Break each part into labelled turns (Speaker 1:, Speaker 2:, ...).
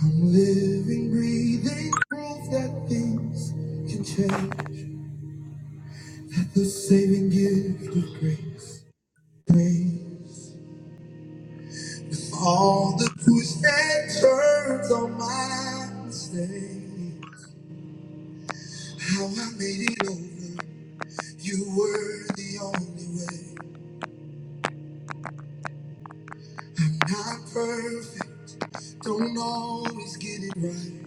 Speaker 1: I'm living, breathing proof that things can change. That the saving gift of grace, grace, with all the twists and turns on my mistakes, how I made it over. You were the only way. I'm Not perfect, don't always get it right.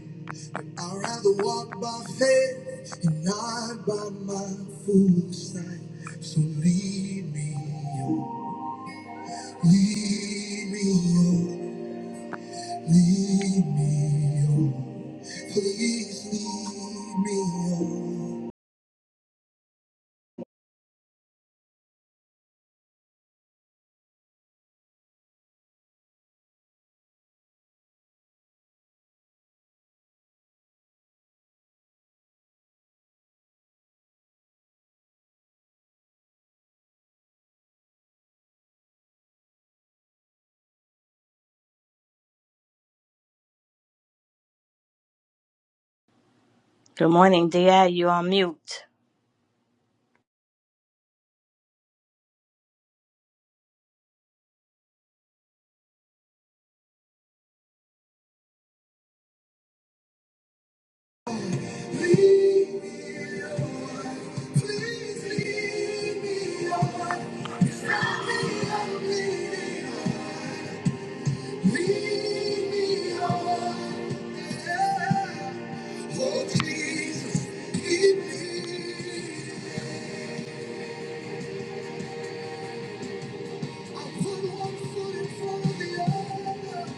Speaker 1: But I'd rather walk by faith and not by my foolish sight. So lead me, oh, lead me, oh, lead me, oh. Please lead me, oh.
Speaker 2: Good morning, Di. You on mute?
Speaker 1: Lead me, oh, please lead me, oh. Stop me, I'm bleeding. Lead me, oh. Oh, Jesus, keep me. I put one foot in front of the other.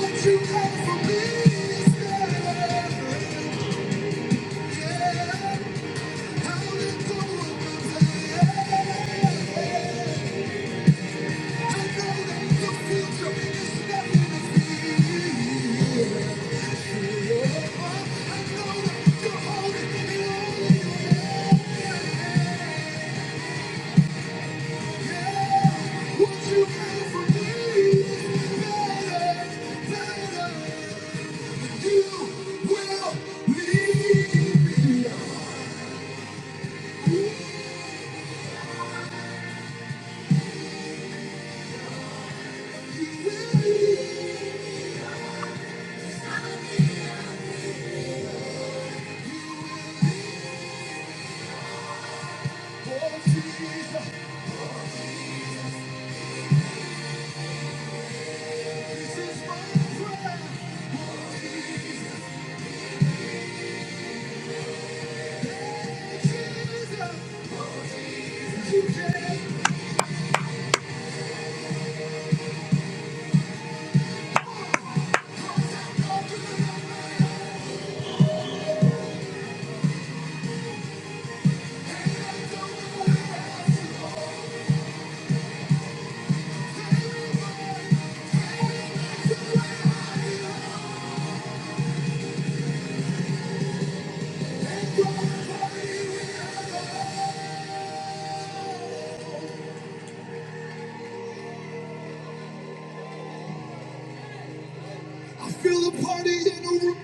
Speaker 1: What you have for me is gonna to hold What you have for me is better, better. You will leave me. You will leave. Oh, Jesus, this is my prayer. Jesus, you can't I feel a party in the room.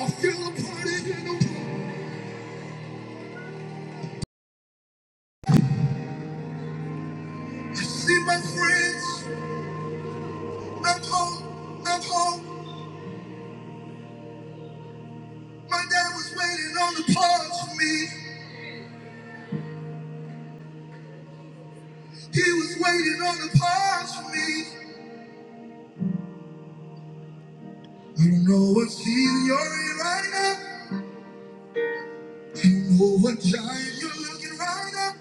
Speaker 1: I feel a party in the room. I see my friends. I'm home. I'm home. My dad was waiting on the pause for me. He was waiting on the pause for me. I don't know what season you're in right now. I don't know what giant you're looking right now.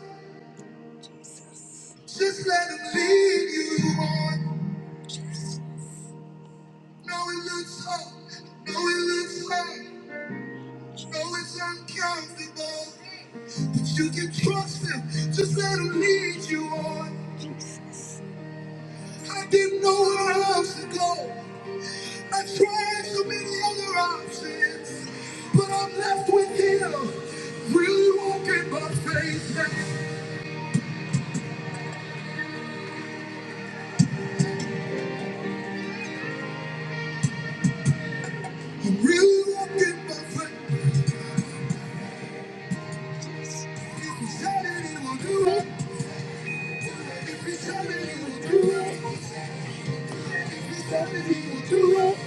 Speaker 1: Just let him lead you on. No, it looks hard. No, it looks hard. No, it's uncountable. but you can trust him, just let him lead you on. I didn't know where else to go. I tried so many other options, but I'm left with him. Really walking by faith now. I'm really walking by faith. If he said it, he will do it. If he said it, he will do it. If he said it, he will do it.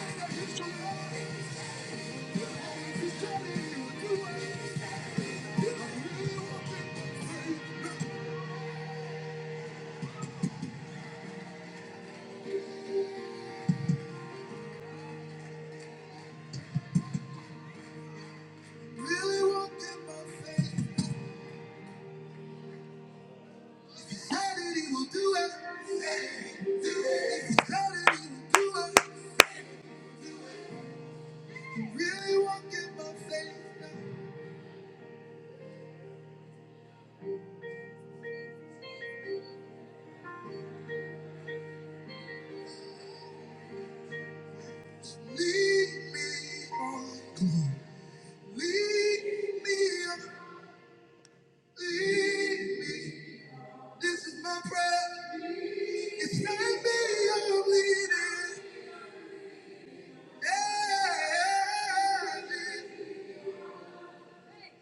Speaker 1: If he said it, he will do it. Really walking by faith. Said that he will do it. If he will do it. He said that he will do it, he really won't give my faith now. Lead me on. Come on. Lead me on. Lead me. This is my prayer. It's not me I'm leading. Yeah, yeah, yeah.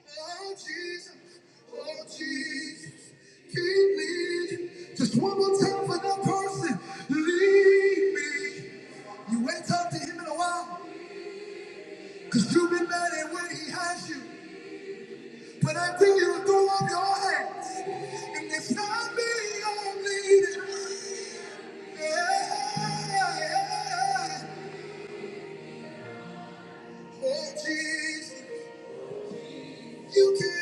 Speaker 1: Oh Jesus, oh Jesus, keep me. Just one more time for that person. Leave me. You ain't talked to him in a while, cause you've been mad at where he has you. But I think you will throw up your hands. And it's not me I'm leading. Yeah. Oh Jesus, you can.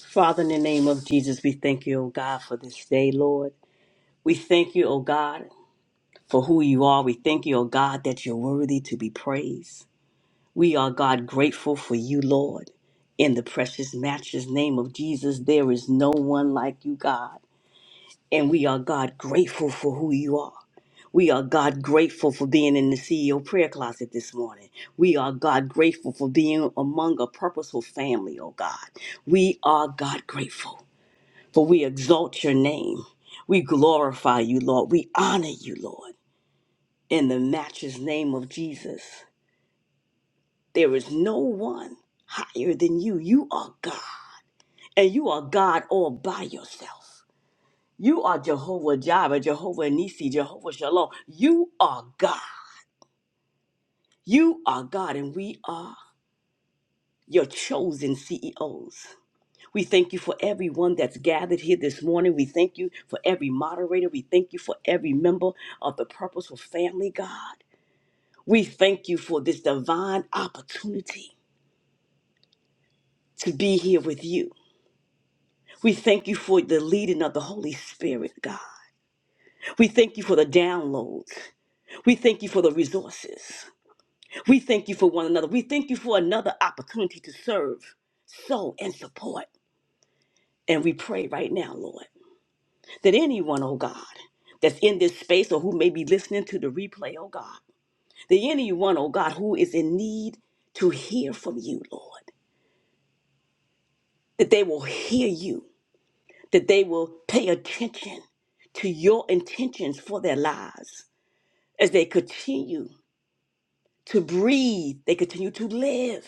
Speaker 1: Father, in the name of Jesus, we thank you, O God, for this day, Lord. We thank you, O God. for who you are. We thank you, O God, that you're worthy to be praised. We are, God, grateful for you, Lord. In the precious, matchless name of Jesus, there is no one like you, God. And we are, God, grateful for who you are. We are, God, grateful for being in the CEO prayer closet this morning. We are, God, grateful for being among a purposeful family, oh God. We are, God, grateful for we exalt your name. We glorify you, Lord. We honor you, Lord in the matchless name of Jesus. There is no one higher than you. You are God, and you are God all by yourself. You are Jehovah Jireh, Jehovah Nisi, Jehovah Shalom. You are God. You are God, and we are your chosen CEOs. We thank you for everyone that's gathered here this morning. We thank you for every moderator. We thank you for every member of the Purposeful Family, God. We thank you for this divine opportunity to be here with you. We thank you for the leading of the Holy Spirit, God. We thank you for the downloads. We thank you for the resources. We thank you for one another. We thank you for another opportunity to serve, sow, and support. And we pray right now, Lord, that anyone, oh God, that's in this space or who may be listening to the replay, oh God, that anyone, oh God, who is in need to hear from you, Lord, that they will hear you that they will pay attention to your intentions for their lives as they continue to breathe, they continue to live,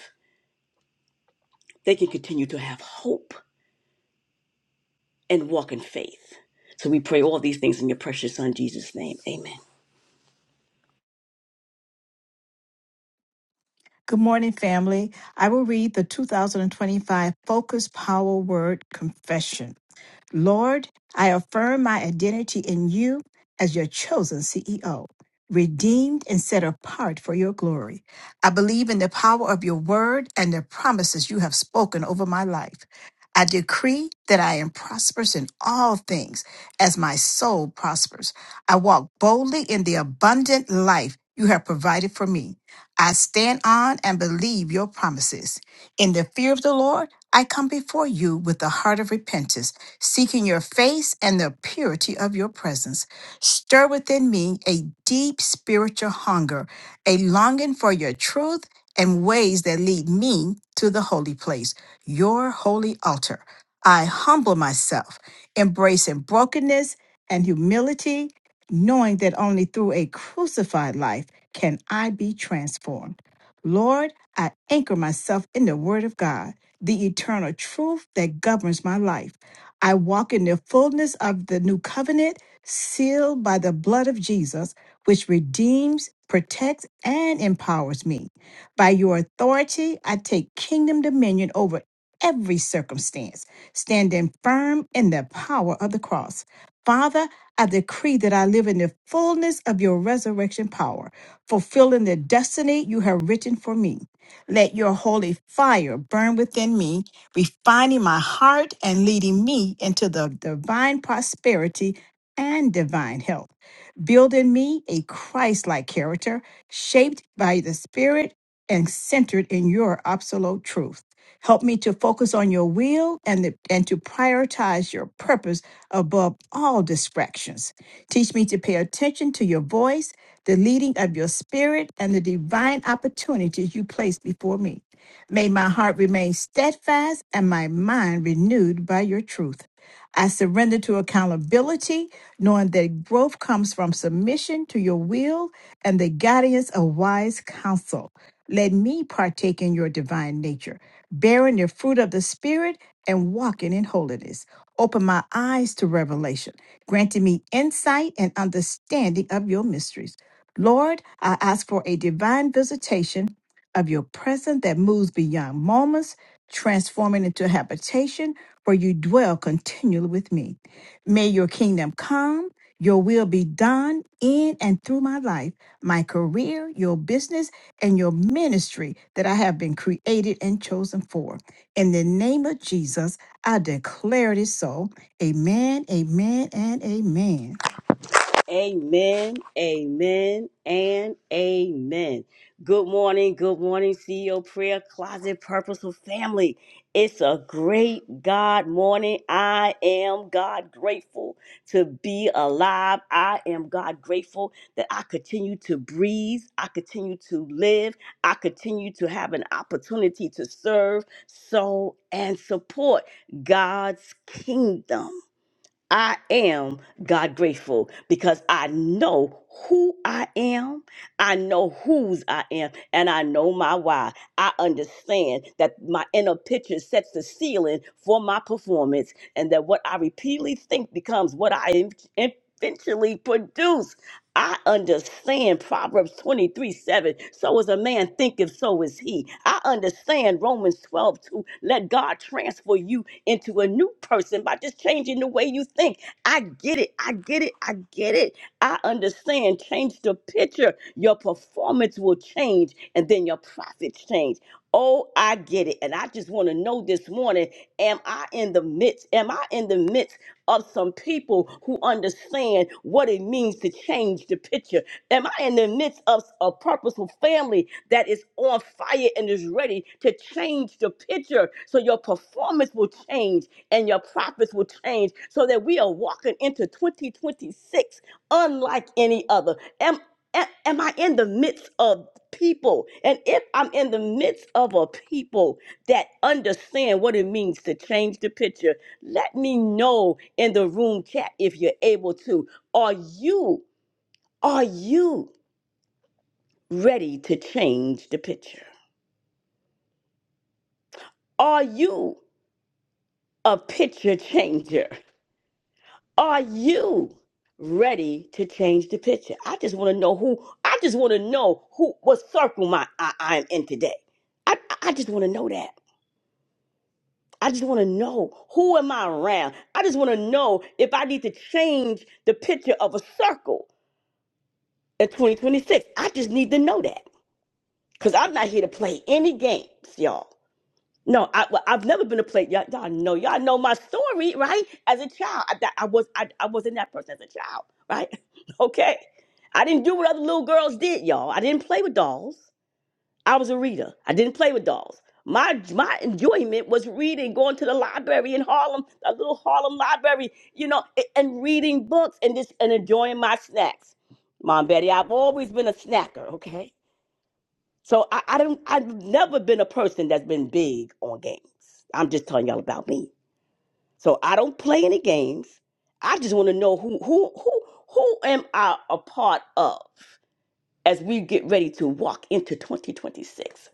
Speaker 1: they can continue to have hope and walk in faith. So we pray all these things in your precious Son, Jesus' name. Amen.
Speaker 3: Good morning, family. I will read the 2025 Focus Power Word Confession. Lord, I affirm my identity in you as your chosen CEO, redeemed and set apart for your glory. I believe in the power of your word and the promises you have spoken over my life. I decree that I am prosperous in all things as my soul prospers. I walk boldly in the abundant life you have provided for me. I stand on and believe your promises. In the fear of the Lord, I come before you with a heart of repentance seeking your face and the purity of your presence. Stir within me a deep spiritual hunger, a longing for your truth and ways that lead me to the holy place, your holy altar. I humble myself, embracing brokenness and humility, knowing that only through a crucified life can I be transformed. Lord, I anchor myself in the Word of God, the eternal truth that governs my life. I walk in the fullness of the new covenant, sealed by the blood of Jesus, which redeems, protects, and empowers me. By your authority, I take kingdom dominion over every circumstance, standing firm in the power of the cross. Father, I decree that I live in the fullness of your resurrection power, fulfilling the destiny you have written for me. Let your holy fire burn within me refining my heart and leading me into the divine prosperity and divine health, building me a Christ like character shaped by the Spirit and centered in your absolute truth. Help me to focus on your will and, the, and to prioritize your purpose above all distractions. Teach me to pay attention to your voice, the leading of your spirit, and the divine opportunities you place before me. May my heart remain steadfast and my mind renewed by your truth. I surrender to accountability, knowing that growth comes from submission to your will and the guidance of wise counsel. Let me partake in your divine nature, bearing the fruit of the Spirit and walking in holiness. Open my eyes to revelation, granting me insight and understanding of your mysteries. Lord, I ask for a divine visitation of your presence that moves beyond moments, transforming into habitation where you dwell continually with me. May your kingdom come, your will be done in and through my life, my career, your business, and your ministry that I have been created and chosen for. In the name of Jesus, I declare it is so. Amen, amen, and amen.
Speaker 1: Amen, amen, and amen. Good morning, good morning, CEO Prayer Closet Purposeful Family. It's a great God morning. I am God grateful to be alive. I am God grateful that I continue to breathe, I continue to live, I continue to have an opportunity to serve, sow, and support God's kingdom. I am God grateful because I know who I am. I know whose I am and I know my why. I understand that my inner picture sets the ceiling for my performance and that what I repeatedly think becomes what I ev- eventually produce. I understand Proverbs 23 7. So as a man thinketh, so is he. I understand Romans 12 2. Let God transfer you into a new person by just changing the way you think. I get it. I get it. I get it. I understand. Change the picture. Your performance will change, and then your profits change. Oh, I get it. And I just want to know this morning am I in the midst? Am I in the midst? of some people who understand what it means to change the picture. Am I in the midst of a purposeful family that is on fire and is ready to change the picture so your performance will change and your profits will change so that we are walking into 2026 unlike any other? Am, a- am I in the midst of people? And if I'm in the midst of a people that understand what it means to change the picture, let me know in the room chat if you're able to. Are you are you ready to change the picture? Are you a picture changer? Are you ready to change the picture? I just want to know who I just want to know who what circle my I, I'm in today. I, I I just want to know that. I just want to know who am I around. I just want to know if I need to change the picture of a circle in 2026. I just need to know that. Cause I'm not here to play any games, y'all. No, I, well, I've never been a play. Y'all, y'all know, y'all know my story, right? As a child, I, that- I was, I, I wasn't that person as a child, right? Okay, I didn't do what other little girls did, y'all. I didn't play with dolls. I was a reader. I didn't play with dolls. My my enjoyment was reading, going to the library in Harlem, a little Harlem library, you know, a- and reading books and just and enjoying my snacks. Mom, Betty, I've always been a snacker, okay? So I, I don't I've never been a person that's been big on games. I'm just telling y'all about me. So I don't play any games. I just want to know who who who who am I a part of as we get ready to walk into 2026.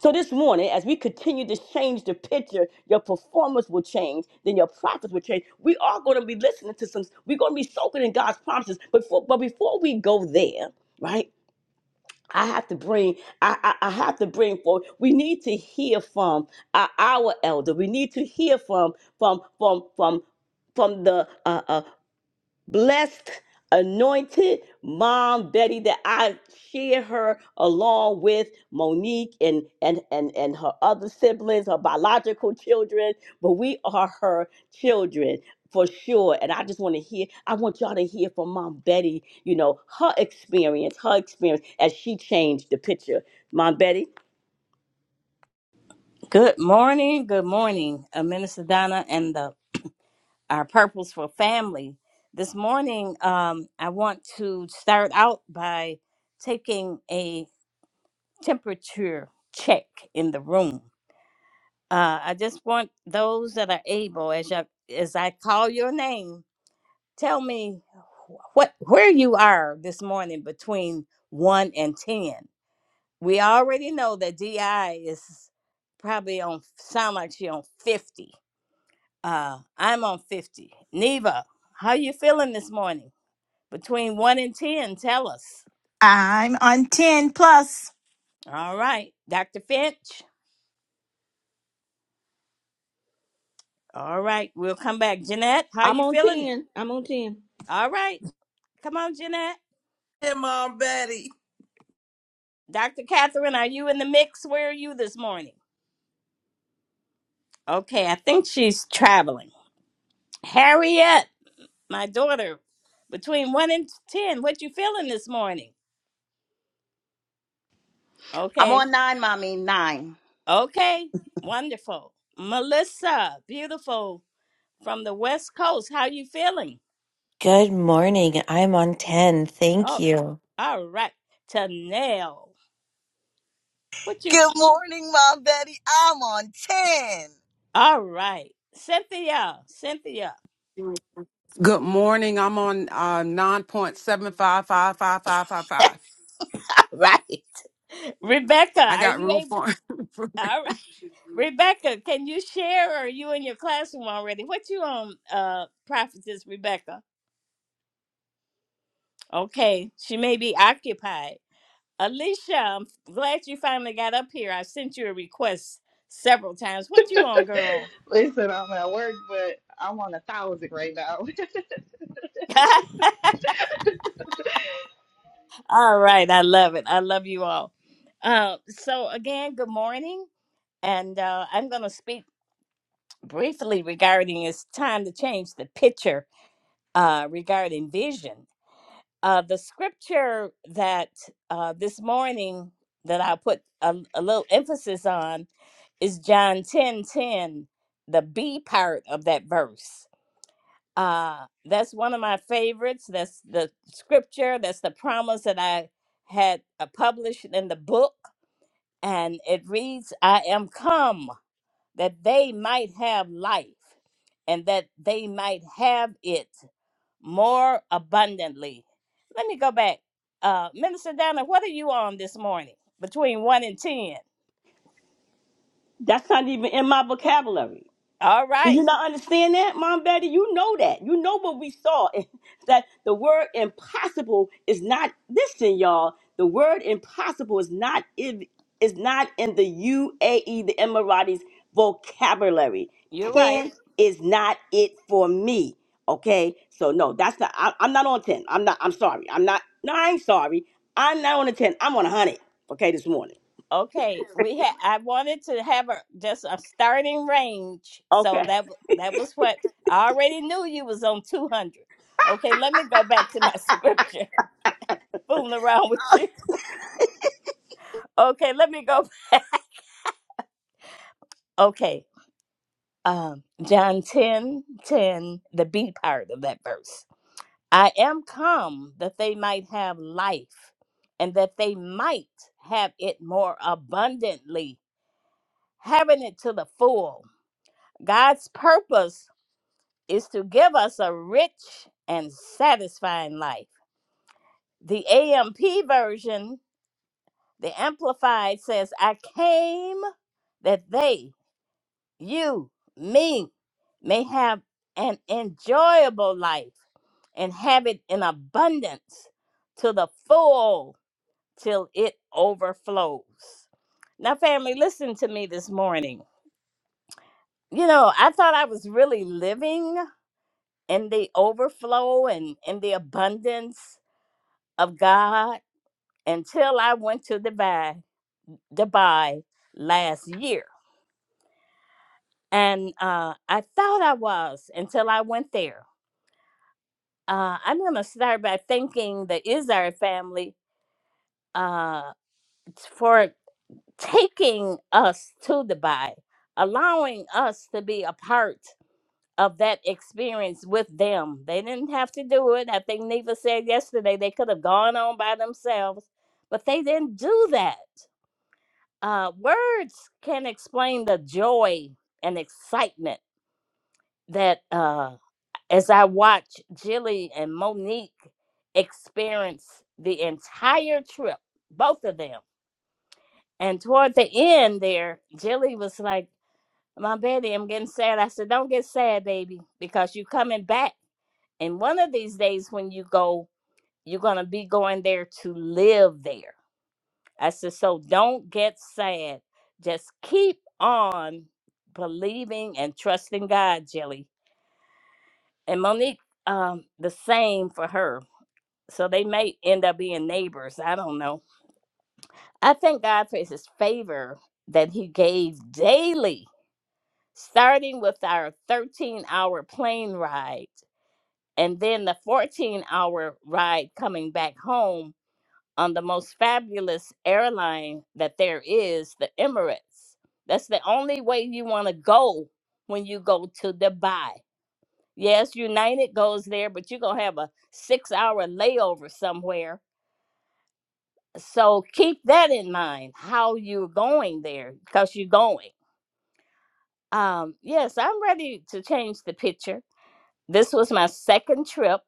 Speaker 1: So this morning, as we continue to change the picture, your performance will change, then your profits will change. We are going to be listening to some, we're going to be soaking in God's promises. But for, but before we go there, right? I have to bring, I, I, I have to bring forth. We need to hear from our, our elder. We need to hear from, from, from, from, from the uh, uh, blessed, anointed mom Betty that I share her along with Monique and and and and her other siblings, her biological children, but we are her children for sure. And I just want to hear, I want y'all to hear from Mom Betty, you know, her experience, her experience as she changed the picture. Mom Betty,
Speaker 2: Good morning. Good morning, uh, Minister Donna and the our purposeful family. This morning, um, I want to start out by taking a temperature check in the room. Uh, I just want those that are able, as I, as I call your name, tell me wh- what where you are this morning between one and ten. We already know that DI is probably on sound like she on fifty. Uh, I'm on fifty. Neva, how you feeling this morning? Between one and ten, tell us.
Speaker 3: I'm on 10 plus.
Speaker 2: All right, Dr. Finch. All right, we'll come back. Jeanette, how
Speaker 4: I'm
Speaker 2: you
Speaker 4: on
Speaker 2: feeling?
Speaker 4: 10. I'm on 10.
Speaker 2: All right, come on, Jeanette.
Speaker 5: Hey, Mom Betty.
Speaker 2: Dr. Catherine, are you in the mix? Where are you this morning? Okay, I think she's traveling. Harriet, my daughter, between one and ten, what you feeling this morning?
Speaker 6: I'm
Speaker 2: Okay,
Speaker 6: on nine, mommy. Nine.
Speaker 2: Okay, wonderful. Melissa, beautiful from the West Coast. How you feeling?
Speaker 7: Good morning. I'm on 10. Thank
Speaker 2: Oh,
Speaker 7: you.
Speaker 2: all right. Tanel, what you?
Speaker 8: Good morning, Mom Betty. I'm on 10.
Speaker 2: All right. Cynthia, Cynthia.
Speaker 9: Good morning. I'm on uh, 9.755555.
Speaker 2: right. Rebecca,
Speaker 9: I
Speaker 2: are
Speaker 9: got
Speaker 2: you
Speaker 9: room
Speaker 2: able?
Speaker 9: for improvement.
Speaker 2: All right. Rebecca, can you share? Or are you in your classroom already? What you on, uh, prophetess Rebecca? Okay, she may be occupied. Alicia, I'm glad you finally got up here. I sent you a request several times. What you on, girl?
Speaker 10: Listen, I'm at work, but I'm on a thousand right now.
Speaker 2: all right, I love it. I love you all. Uh, so again, good morning, and uh, I'm going to speak briefly regarding it's time to change the picture uh, regarding vision. Uh, the scripture that uh, this morning that I put a, a little emphasis on is John ten ten, the B part of that verse Uh, that's one of my favorites. That's the scripture. That's the promise that I had uh, published in the book. And it reads, I am come that they might have life and that they might have it more abundantly. Let me go back. Uh, Minister Donna, what are you on this morning between 1 and 10?
Speaker 1: that's not even in my vocabulary.
Speaker 2: All
Speaker 1: Do you
Speaker 2: right.
Speaker 1: not understand that, Mom Betty? You know that. You know what we saw. that the word impossible is not listen, y'all. The word impossible is not in- is not in the UAE, the Emiratis vocabulary.
Speaker 2: You're right.
Speaker 1: Ten is not it for me. Okay? So no, that's not I, I'm not on 10. I'm not I'm sorry. I'm not no, I ain't sorry. I'm not on a 10. I'm on a hundred. Okay, this morning.
Speaker 2: Okay, we had. I wanted to have a just a starting range, so
Speaker 1: Okay.
Speaker 2: that w- that was what I already knew you was on two hundred. Okay, let me go back to my scripture. Fooling around with you. Okay, let me go. Okay, um, John 10 10, the B part of that verse. I am come that they might have life, and that they might have it more abundantly, having it to the full. God's purpose is to give us a rich and satisfying life. The AMP version, the Amplified says, I came that they, you, me, may have an enjoyable life and have it in abundance to the full till it overflows. Now, family, listen to me this morning. You know, I thought I was really living in the overflow and in the abundance of God until I went to Dubai, Dubai last year. And uh, I thought I was until I went there. Uh, I'm going to start by thanking the Izar family uh, for taking us to Dubai, allowing us to be a part of that experience with them. They didn't have to do it. I think Neva said yesterday they could have gone on by themselves, but they didn't do that. uh, words can not explain the joy and excitement that uh, as I watch Jilly and Monique experience the entire trip, both of them. And toward the end there, Jilly was like, My baby, I'm getting sad. I said, Don't get sad, baby, because you're coming back. And one of these days when you go, you're going to be going there to live there I said, so don't get sad. Just keep on believing and trusting God, Jelly. And Monique, um, the same for her. So they may end up being neighbors. I don't know. I thank God for his favor that he gave daily, starting with our 13 hour plane ride and then the 14 hour ride coming back home on the most fabulous airline that there is, the Emirates. That's the only way you want to go when you go to Dubai. Yes, United goes there, but you're going to have a six hour layover somewhere. So keep that in mind how you're going there because you're going. Um, yes, I'm ready to change the picture. This was my second trip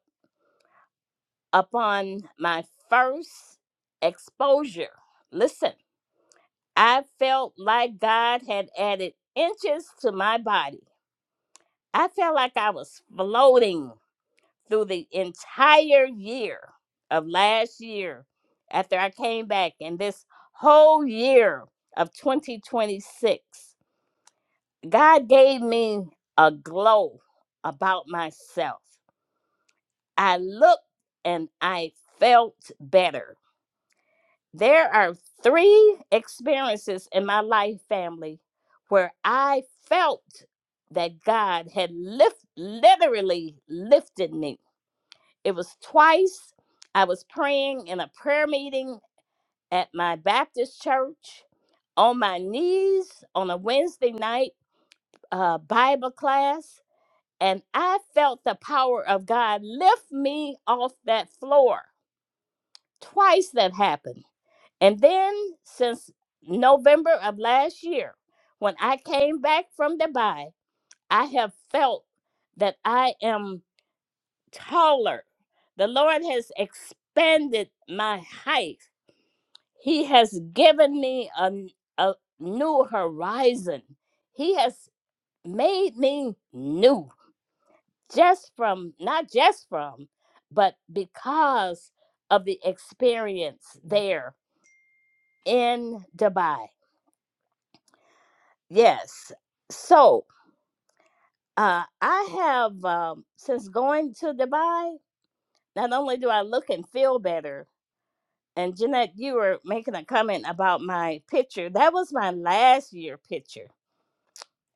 Speaker 2: upon my first exposure. Listen. I felt like God had added inches to my body. I felt like I was floating through the entire year of last year after I came back, and this whole year of 2026. God gave me a glow about myself. I looked and I felt better. There are three experiences in my life, family, where I felt that God had lift, literally lifted me. It was twice I was praying in a prayer meeting at my Baptist church on my knees on a Wednesday night uh, Bible class, and I felt the power of God lift me off that floor. Twice that happened. And then since November of last year, when I came back from Dubai, I have felt that I am taller. The Lord has expanded my height. He has given me a, n- a new horizon. He has made me new, just from, not just from, but because of the experience there in Dubai. Yes. So uh, I have, um, since going to Dubai, not only do I look and feel better, and Jeanette, you were making a comment about my picture. That was my last year picture.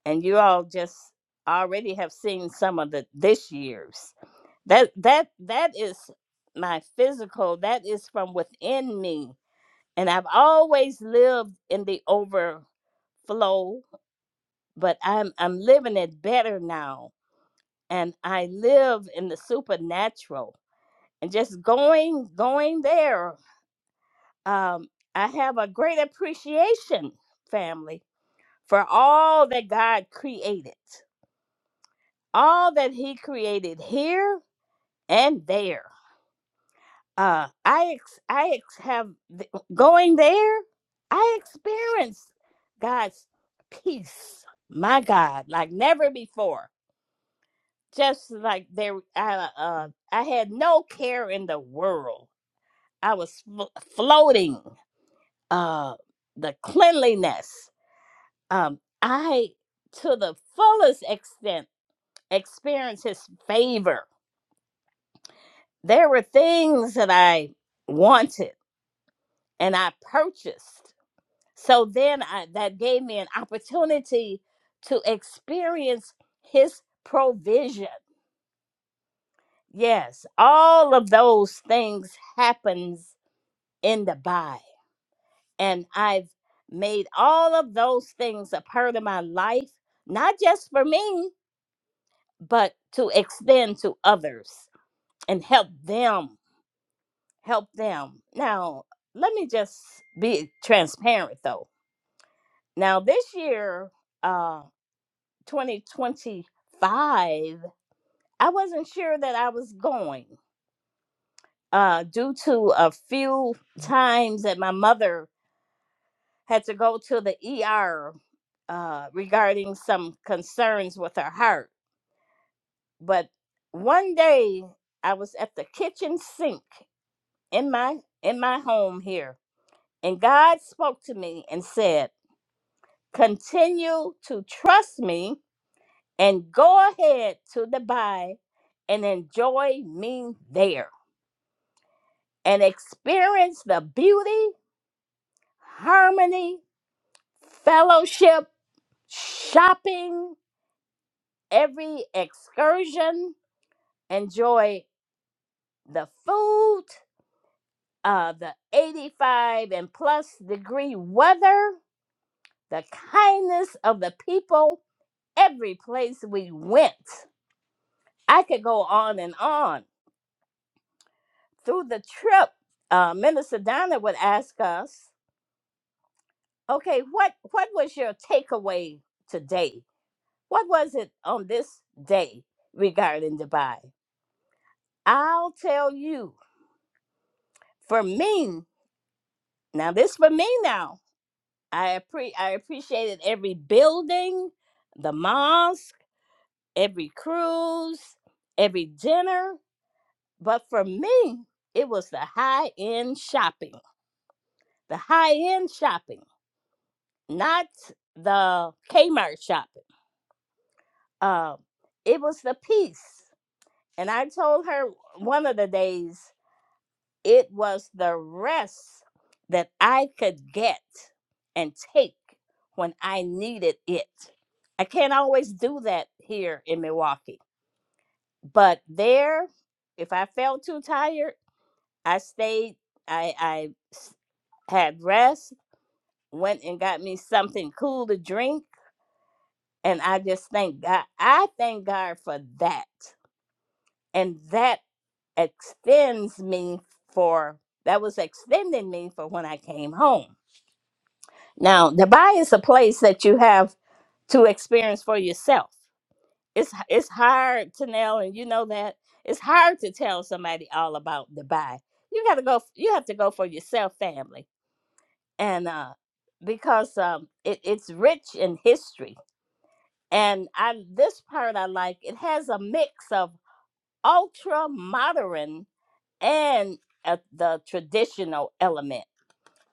Speaker 2: And you all just already have seen some of the this year's. That that that is my physical. That is from within me. And I've always lived in the overflow, but I'm I'm living it better now and I live in the supernatural. And just going going there, um, I have a great appreciation, family, for all that God created, all that He created here and there. Uh, I ex- I ex- have th- going there. I experienced God's peace, my God, like never before. Just like there, I, uh, I had no care in the world I was flo- floating uh, the cleanliness. Um, I, to the fullest extent, experienced His favor. There were things that I wanted and I purchased. So then I, that gave me an opportunity to experience His provision. Yes, all of those things happens in the body. and I've made all of those things a part of my life, not just for me, but to extend to others and help them. Help them. Now, let me just be transparent though. Now, this year, uh, 2025, I wasn't sure that I was going uh, due to a few times that my mother had to go to the ER uh, regarding some concerns with her heart. But one day I was at the kitchen sink in my in my home here, and God spoke to me and said, "Continue to trust me and go ahead to Dubai and enjoy me there and experience the beauty, harmony, fellowship, shopping." every excursion. Enjoy the food, uh, the 85 and plus degree weather, the kindness of the people, every place we went. I could go on and on. Through the trip, uh, Minister Donna would ask us, okay, what, what was your takeaway today? What was it on this day regarding Dubai? I'll tell you. For me, now this for me now. I appre- I appreciated every building, the mosque, every cruise, every dinner. But for me, it was the high end shopping, the high end shopping, not the Kmart shopping. Uh, it was the peace. And I told her one of the days It was the rest that I could get and take when I needed it. I can't always do that here in Milwaukee, but there, if I felt too tired, I stayed. I, I s- had rest, went and got me something cool to drink, and I just thank God. I thank God for that, and that extends me for that was extending me for when I came home. Now, Dubai is a place that you have to experience for yourself. It's it's hard to nail, and you know that it's hard to tell somebody all about Dubai. You got to go. You have to go for yourself, family, and uh, because um, it, it's rich in history. And I this part I like. It has a mix of ultra modern and uh, the traditional element,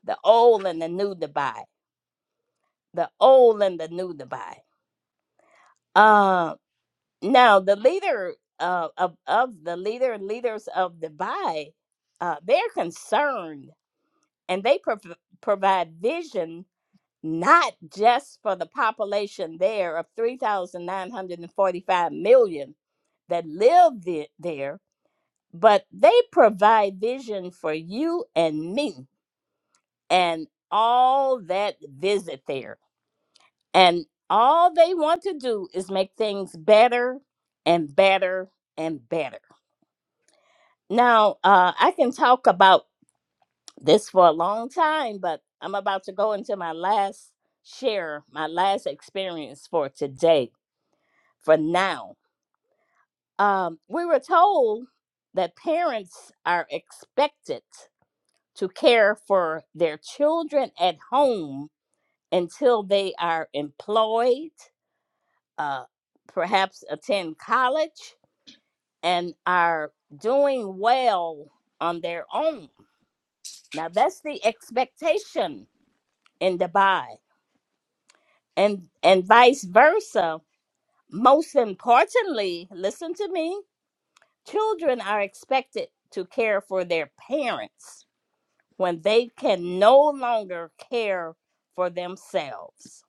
Speaker 2: the old and the new Dubai, the old and the new Dubai. Um, Now, the leader uh, of of the leader leaders of Dubai, uh, they're concerned and they prov- provide vision not just for the population there of three thousand nine hundred and forty five million that live the- there, but they provide vision for you and me and all that visit there. And all they want to do is make things better and better and better. Now, uh, I can talk about this for a long time, but I'm about to go into my last share, my last experience for today, for now. Um, we were told that parents are expected to care for their children at home until they are employed, uh, perhaps attend college, and are doing well on their own. Now, that's the expectation in Dubai. And and vice versa. Most importantly, listen to me. Children are expected to care for their parents when they can no longer care for themselves.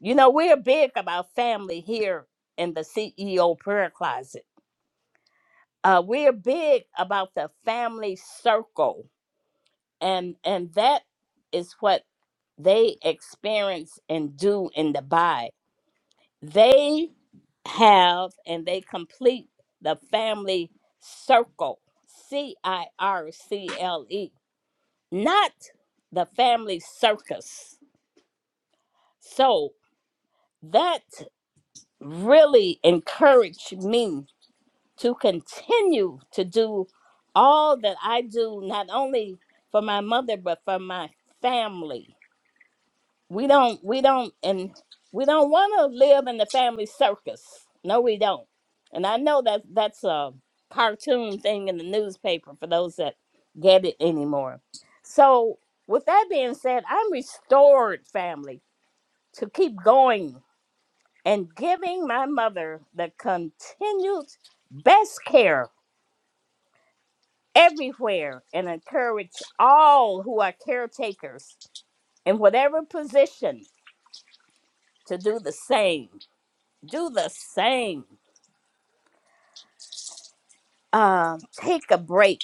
Speaker 2: You know, we're big about family here in the CEO prayer closet. Uh, we're big about the family circle, and and that is what they experience and do in Dubai They have and they complete the family circle, C I R C L E, not the family circus. So that really encouraged me to continue to do all that I do, not only for my mother, but for my family we don't we don't and we don't want to live in the family circus no we don't and i know that that's a cartoon thing in the newspaper for those that get it anymore so with that being said i'm restored family to keep going and giving my mother the continued best care everywhere and encourage all who are caretakers in whatever position to do the same do the same. Um, take a break.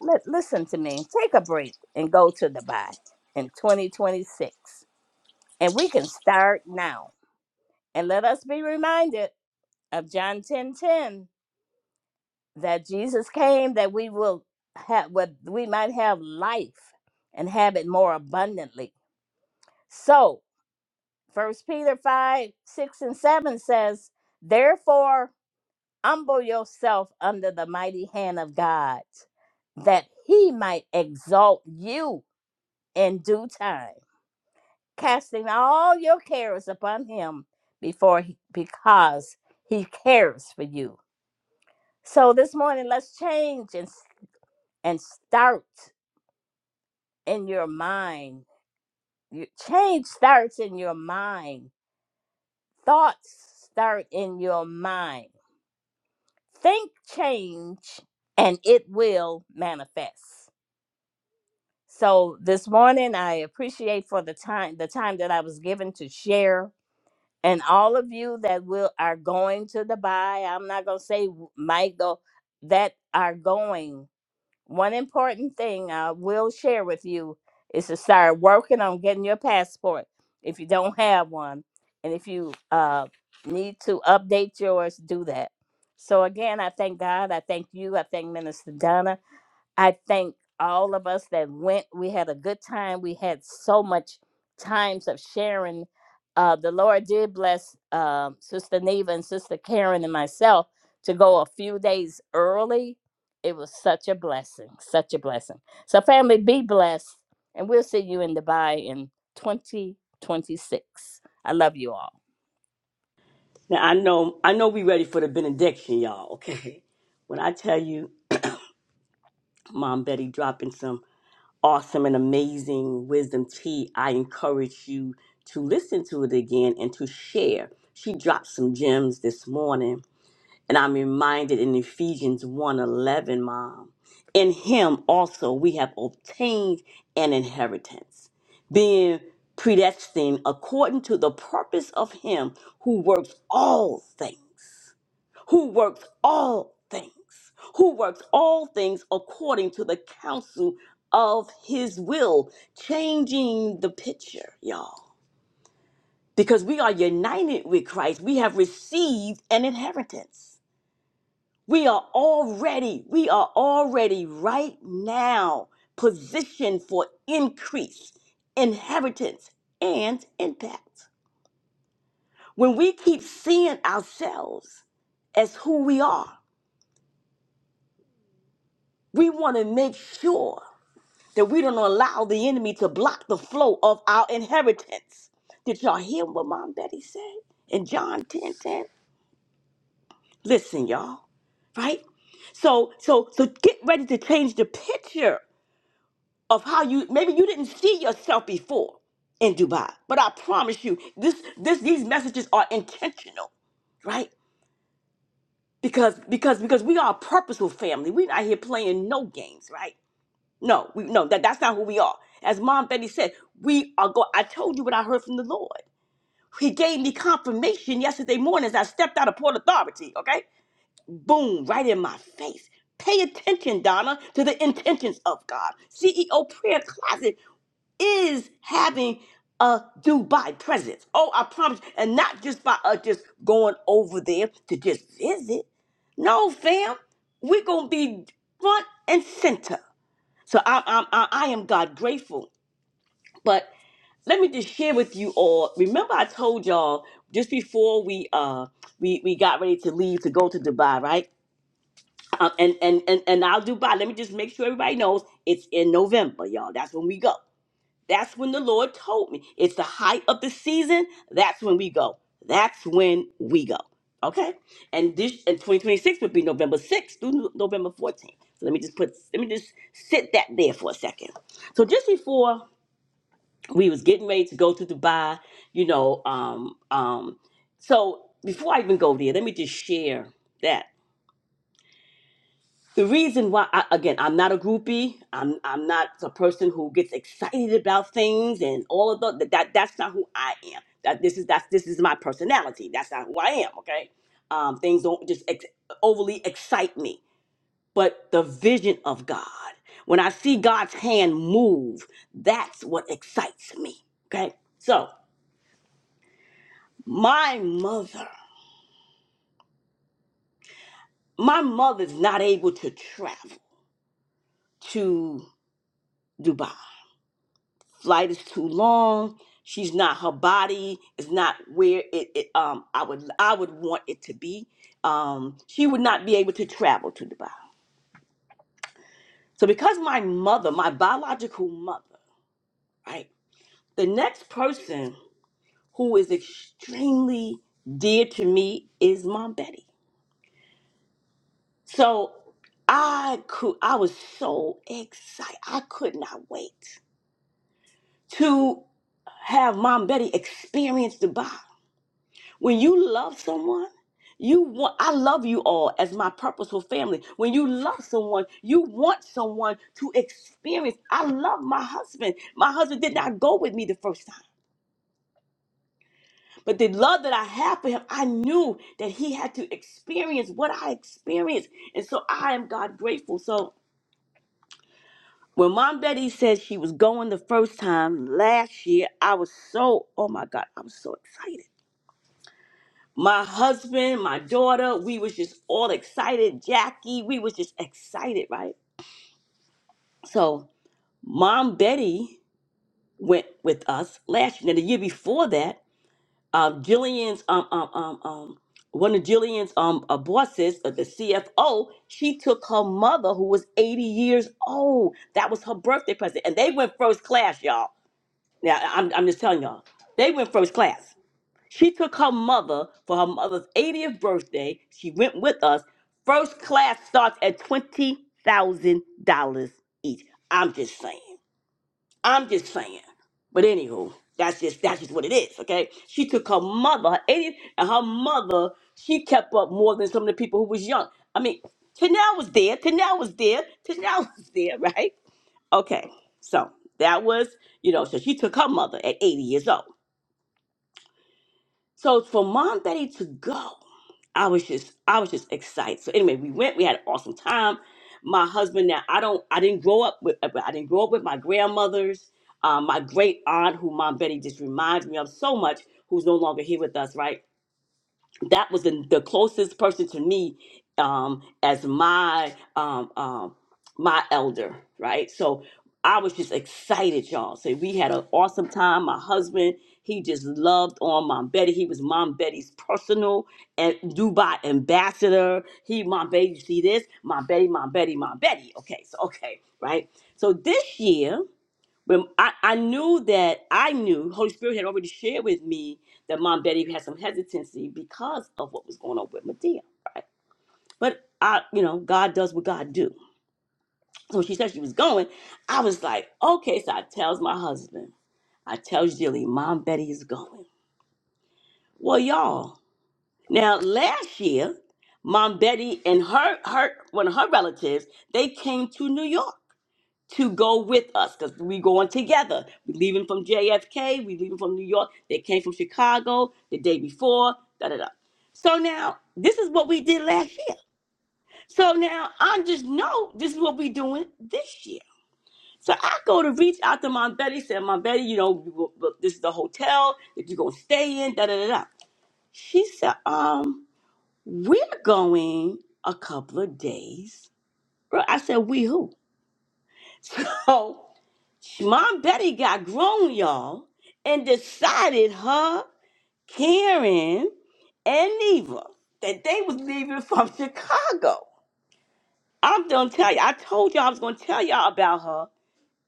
Speaker 2: Li- listen to me. Take a break and go to Dubai in 2026. And we can start now. And let us be reminded of John 10 10 that Jesus came that we will have what we might have life and have it more abundantly. So first Peter 5, 6, and 7 says, Therefore humble yourself under the mighty hand of God, that he might exalt you in due time, casting all your cares upon him before he, because he cares for you. So this morning, let's change and, s- and start in your mind. Your change starts in your mind. Thoughts start in your mind. Think change and it will manifest. So this morning, I appreciate for the time the time that I was given to share, and all of you that will are going to Dubai. I'm not gonna say w- might go that are going. One important thing I will share with you is to start working on getting your passport if you don't have one, and if you uh, need to update yours, do that. So again, I thank God. I thank you. I thank Minister Donna. I thank all of us that went. We had a good time. We had so much times of sharing. Uh, the Lord did bless uh, Sister Neva and Sister Karen and myself to go a few days early. It was such a blessing, such a blessing. So, family, be blessed, and we'll see you in Dubai in 2026. I love you all.
Speaker 1: Now I know I know we ready for the benediction, y'all. Okay, when I tell you, Mom Betty dropping some awesome and amazing wisdom tea, I encourage you to listen to it again and to share. She dropped some gems this morning, and I'm reminded in Ephesians one eleven, Mom, in Him also we have obtained an inheritance, being predestined according to the purpose of Him who works all things who works all things, who works all things according to the counsel of his will, changing the picture, y'all. Because we are united with Christ, we have received an inheritance. We are already, we are already right now positioned for increase, inheritance, and impact. When we keep seeing ourselves as who we are, we want to make sure. that we don't allow the enemy to block the flow of our inheritance. Did y'all hear what Mom Betty said in John 10 ten? Listen, y'all, right? So, so, so get ready to change the picture of how you maybe you didn't see yourself before in Dubai, but I promise you, this, this, these messages are intentional, right? Because, because, because we are a purposeful family. We're not here playing no games, right? No, we, no, that, that's not who we are. As Mom Betty said, we are going. I told you what I heard from the Lord. He gave me confirmation yesterday morning as I stepped out of Port Authority, okay? Boom, right in my face. Pay attention, Donna, to the intentions of God. CEO Prayer Closet is having a Dubai presence. Oh, I promise. you. And not just by us just going over there to just visit. No, fam. We're going to be front and center. So I, I, I, I am God grateful. But let me just share with you all. Remember, I told y'all just before we uh we we got ready to leave to go to Dubai, right? Um, and and and and I'll Dubai. Let me just make sure everybody knows it's in November, y'all. That's when we go. That's when the Lord told me. It's the height of the season. That's when we go. That's when we go. Okay? And this and 2026 would be November 6th through No- November 14th. So let me just put let me just sit that there for a second. So just before we was getting ready to go to Dubai, you know, um, um, so before I even go there, let me just share that the reason why I, again i'm not a groupie i'm i'm not a person who gets excited about things and all of the, that that's not who i am that this is that's this is my personality that's not who i am okay um things don't just ex- overly excite me but the vision of god when i see god's hand move that's what excites me okay so my mother my mother's not able to travel to dubai flight is too long. She's not her body is not where it, it um I would I would want it to be. Um, she would not be able to travel to Dubai. So because my mother, my biological mother, right, the next person who is extremely dear to me is Mom Betty. So I could I was so excited. I could not wait to have Mom Betty experience Dubai. When you love someone, you want I love you all as my purposeful family. When you love someone, you want someone to experience. I love my husband. My husband did not go with me the first time. But the love that I have for him, I knew that he had to experience what I experienced. And so I am God grateful. So when Mom Betty said she was going the first time last year, I was so, oh my God, I was so excited. my husband, my daughter, we was just all excited. Jackie, we was just excited, right? So mom Betty went with us last year. Now the year before that, um, Jillian's um um um um one of Jillian's um uh, bosses, uh, the CFO, she took her mother who was 80 years old. That was her birthday present, and they went first class, y'all. Now I'm I'm just telling y'all, they went first class. She took her mother for her mother's 80th birthday. She went with us. First class starts at $20,000 each. I'm just saying. I'm just saying. But anywho, that's just that's just what it is, okay? She took her mother, her 80th, and her mother, she kept up more than some of the people who was young. I mean, Tanel was there, Tanel was there, Tanel was there, right? Okay, so that was, you know, so she took her mother at 80 years old. So for mom Betty to go, I was just I was just excited. So anyway, we went. We had an awesome time. My husband now I don't I didn't grow up with I didn't grow up with my grandmothers. Um, my great aunt, who Mom Betty just reminds me of so much, who's no longer here with us, right? that was the, the closest person to me um as my um um my elder right so i was just excited y'all so we had an awesome time my husband he just loved on mom betty he was mom betty's personal and dubai ambassador he mom betty you see this mom betty mom betty mom betty okay so okay right so this year but I, I knew that I knew Holy Spirit had already shared with me that Mom Betty had some hesitancy because of what was going on with Medea, right? But I, you know, God does what God do. So she said she was going. I was like, okay. So I tells my husband, I tells Jilly, Mom Betty is going. Well, y'all. Now last year, Mom Betty and her her one of her relatives they came to New York. to go with us because we going together. We leaving from JFK, we leaving from New York. They came from Chicago the day before. Da da da. So now this is what we did last year. So now I just know this is what we doing this year. So I go to reach out to Mom Betty, said, Mom Betty, you know, we will- look, this is the hotel that you're gonna stay in, da da da da. She said, um, we're going a couple of days. I said, we who? So. Mom Betty got grown, y'all, and decided her, Karen, and Neva that they was leaving from Chicago. I'm gonna tell you, I told y'all I was gonna tell y'all about her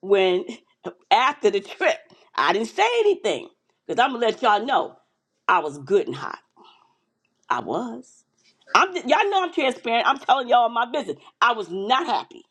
Speaker 1: when after the trip. I didn't say anything. Because I'm gonna let y'all know I was good and hot. I was. I'm y'all know I'm transparent. I'm telling y'all my business. I was not happy.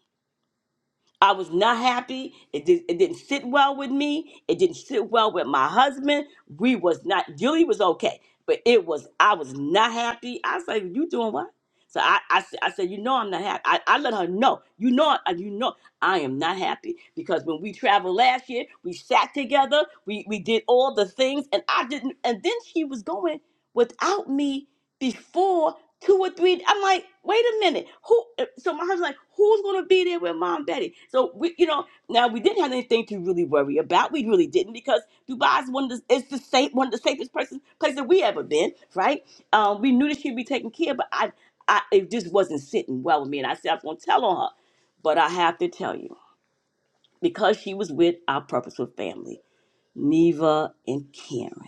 Speaker 1: I was not happy. It did it didn't sit well with me. It didn't sit well with my husband. We was not Julie was okay, but it was I was not happy. I was like, you doing what? So I, I, s- I said, you know I'm not happy. I, I let her know. You know, I- you know I am not happy because when we traveled last year, we sat together, we, we did all the things, and I didn't and then she was going without me before two or three. I'm like, wait a minute, who? uh, So my husband's like, who's gonna be there with mom Betty? So we, you know, now we didn't have anything to really worry about. We really didn't because Dubai is one of the, it's the safe one of the safest places place that we ever been. Right? Um, we knew that she'd be taken care, of, but I, I it just wasn't sitting well with me, and I said I was gonna tell on her, but I have to tell you because she was with our purposeful family, Neva and Karen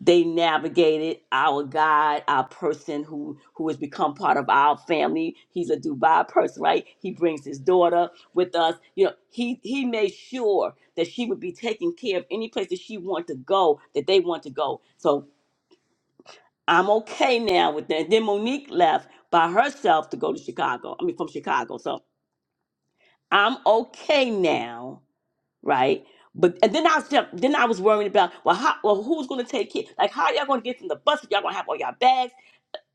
Speaker 1: they navigated our God, our person who who has become part of our family. He's a Dubai person, right? He brings his daughter with us. You know, he he made sure that she would be taken care of any place that she wanted to go, that they want to go. So I'm okay now with that. Then Monique left by herself to go to Chicago. I mean, from Chicago. So I'm okay now, right? But and then I was then I was worrying about well, how, well who's gonna take care? Like, how y'all gonna get from the bus if y'all gonna have all y'all bags?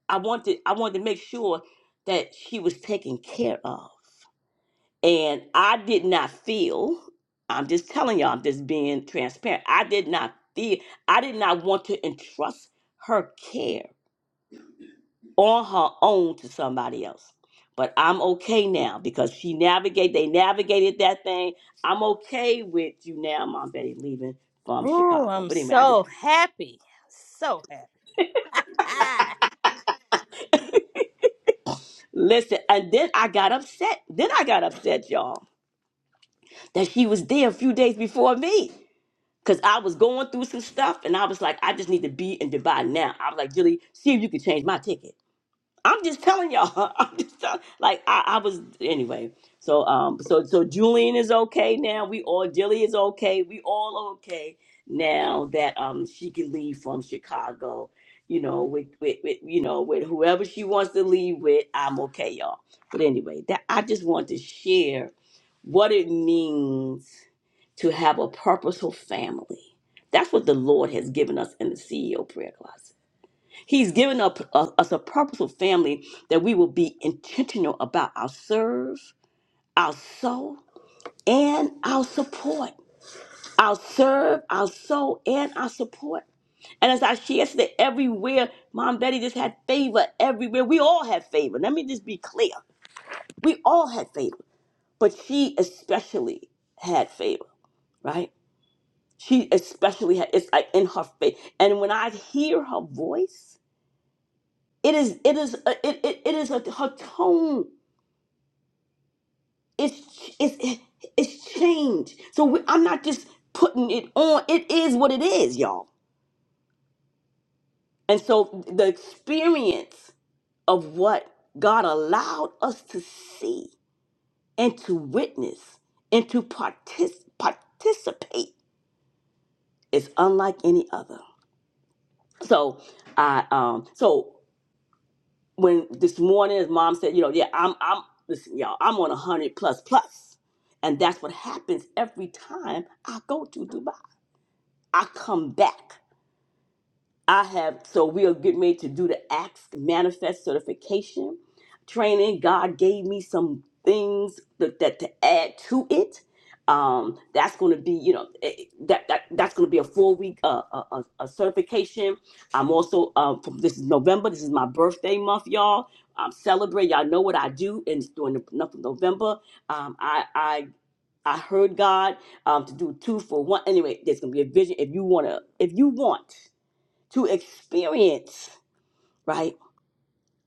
Speaker 1: I wanted I wanted to make sure that she was taken care of. And I did not feel, I'm just telling y'all, I'm just being transparent. I did not feel I did not want to entrust her care on her own to somebody else. But I'm okay now because she navigate they navigated that thing. I'm okay with you now, Mom Betty leaving from
Speaker 2: Ooh,
Speaker 1: Chicago.
Speaker 2: I'm
Speaker 1: But anyway, I just
Speaker 2: so happy. So happy.
Speaker 1: listen and then I got upset. Then I got upset, y'all. that she was there a few days before me. Cause I was going through some stuff and I was like, I just need to be in Dubai now. I was like, Julie, see if you can change my ticket. I'm just telling y'all. I'm just tell- like I, I was anyway. So um so so Julian is okay now. We all Dilly is okay. We all okay now that um she can leave from Chicago. You know with with, with you know with whoever she wants to leave with. I'm okay, y'all. But anyway, that I just want to share what it means to have a purposeful family. That's what the Lord has given us in the CEO prayer closet He's given up us us a purposeful family that we will be intentional about our serve, our soul, and our support. Our serve, our soul, and our support. And as I shared today, everywhere, Mom Betty just had favor everywhere. We all had favor. Let me just be clear. We all had favor, but she especially had favor, right? She especially had, it's like in her face. And when I hear her voice, It is it is a, it, it, it is a her tone is it's it's changed. So we, I'm not just putting it on. It is what it is, y'all. And so the experience of what God allowed us to see and to witness and to partic- participate is unlike any other. So I um so when this morning his mom said, you know, yeah, I'm I'm listen, y'all, I'm on a hundred plus plus. And that's what happens every time I go to Dubai. I come back. I have, so we are getting ready to do the Acts Manifest Certification training. God gave me some things that, that to add to it. Um, that's going to be, you know, eh, eh, that, that that's going to be a four week uh, uh, uh, uh, certification. I'm also uh, from this is November. This is my birthday month, y'all. I'm celebrating. Y'all know what I do, and it's during the month of November. Um, I I I heard God um, to do two for one. Anyway, there's going to be a vision. If you want to, if you want to experience, right?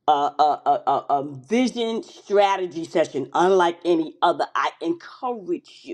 Speaker 1: A, a, a, a a vision strategy session unlike any other. I encourage you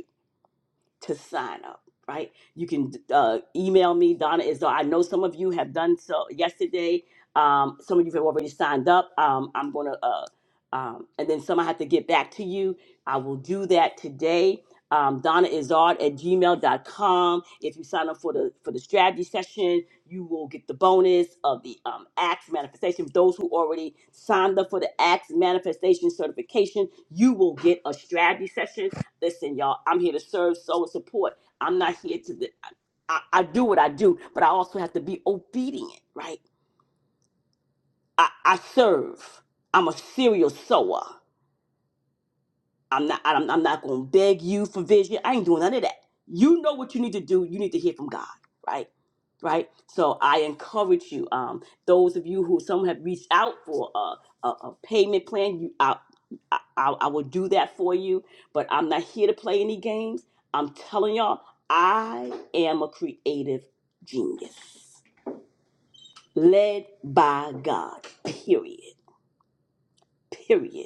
Speaker 1: to sign up, right? You can uh, email me, Donna. Is I know some of you have done so yesterday. Um, some of you have already signed up. Um, I'm gonna, uh, um, and then some I have to get back to you. I will do that today. Um, Donna Izard at gmail.com. If you sign up for the for the strategy session, you will get the bonus of the um, Acts manifestation. Those who already signed up for the Acts manifestation certification, you will get a strategy session listen, y'all, I'm here to serve, sow, and support. I'm not here to the, I, I do what I do, but I also have to be obedient, right? I, I serve. I'm a serial sower. I'm not. I'm, I'm not going to beg you for vision. I ain't doing none of that. You know what you need to do. You need to hear from God, right? Right. So I encourage you. Um, those of you who some have reached out for a a, a payment plan, you I, I I I will do that for you. But I'm not here to play any games. I'm telling y'all, I am a creative genius, led by God. Period. Period.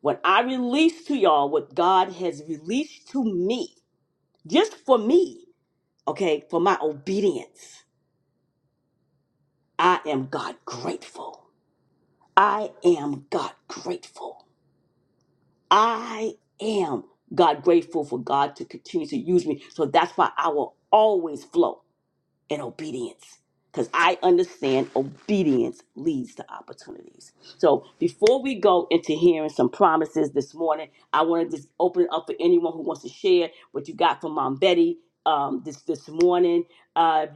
Speaker 1: When I release to y'all what God has released to me, just for me, okay, for my obedience, I am God grateful. I am God grateful. I am God grateful for God to continue to use me. So that's why I will always flow. and obedience. Because I understand obedience leads to opportunities. So before we go into hearing some promises this morning, I want to just open it up for anyone who wants to share what you got from Mom Betty um, this this morning. Uh,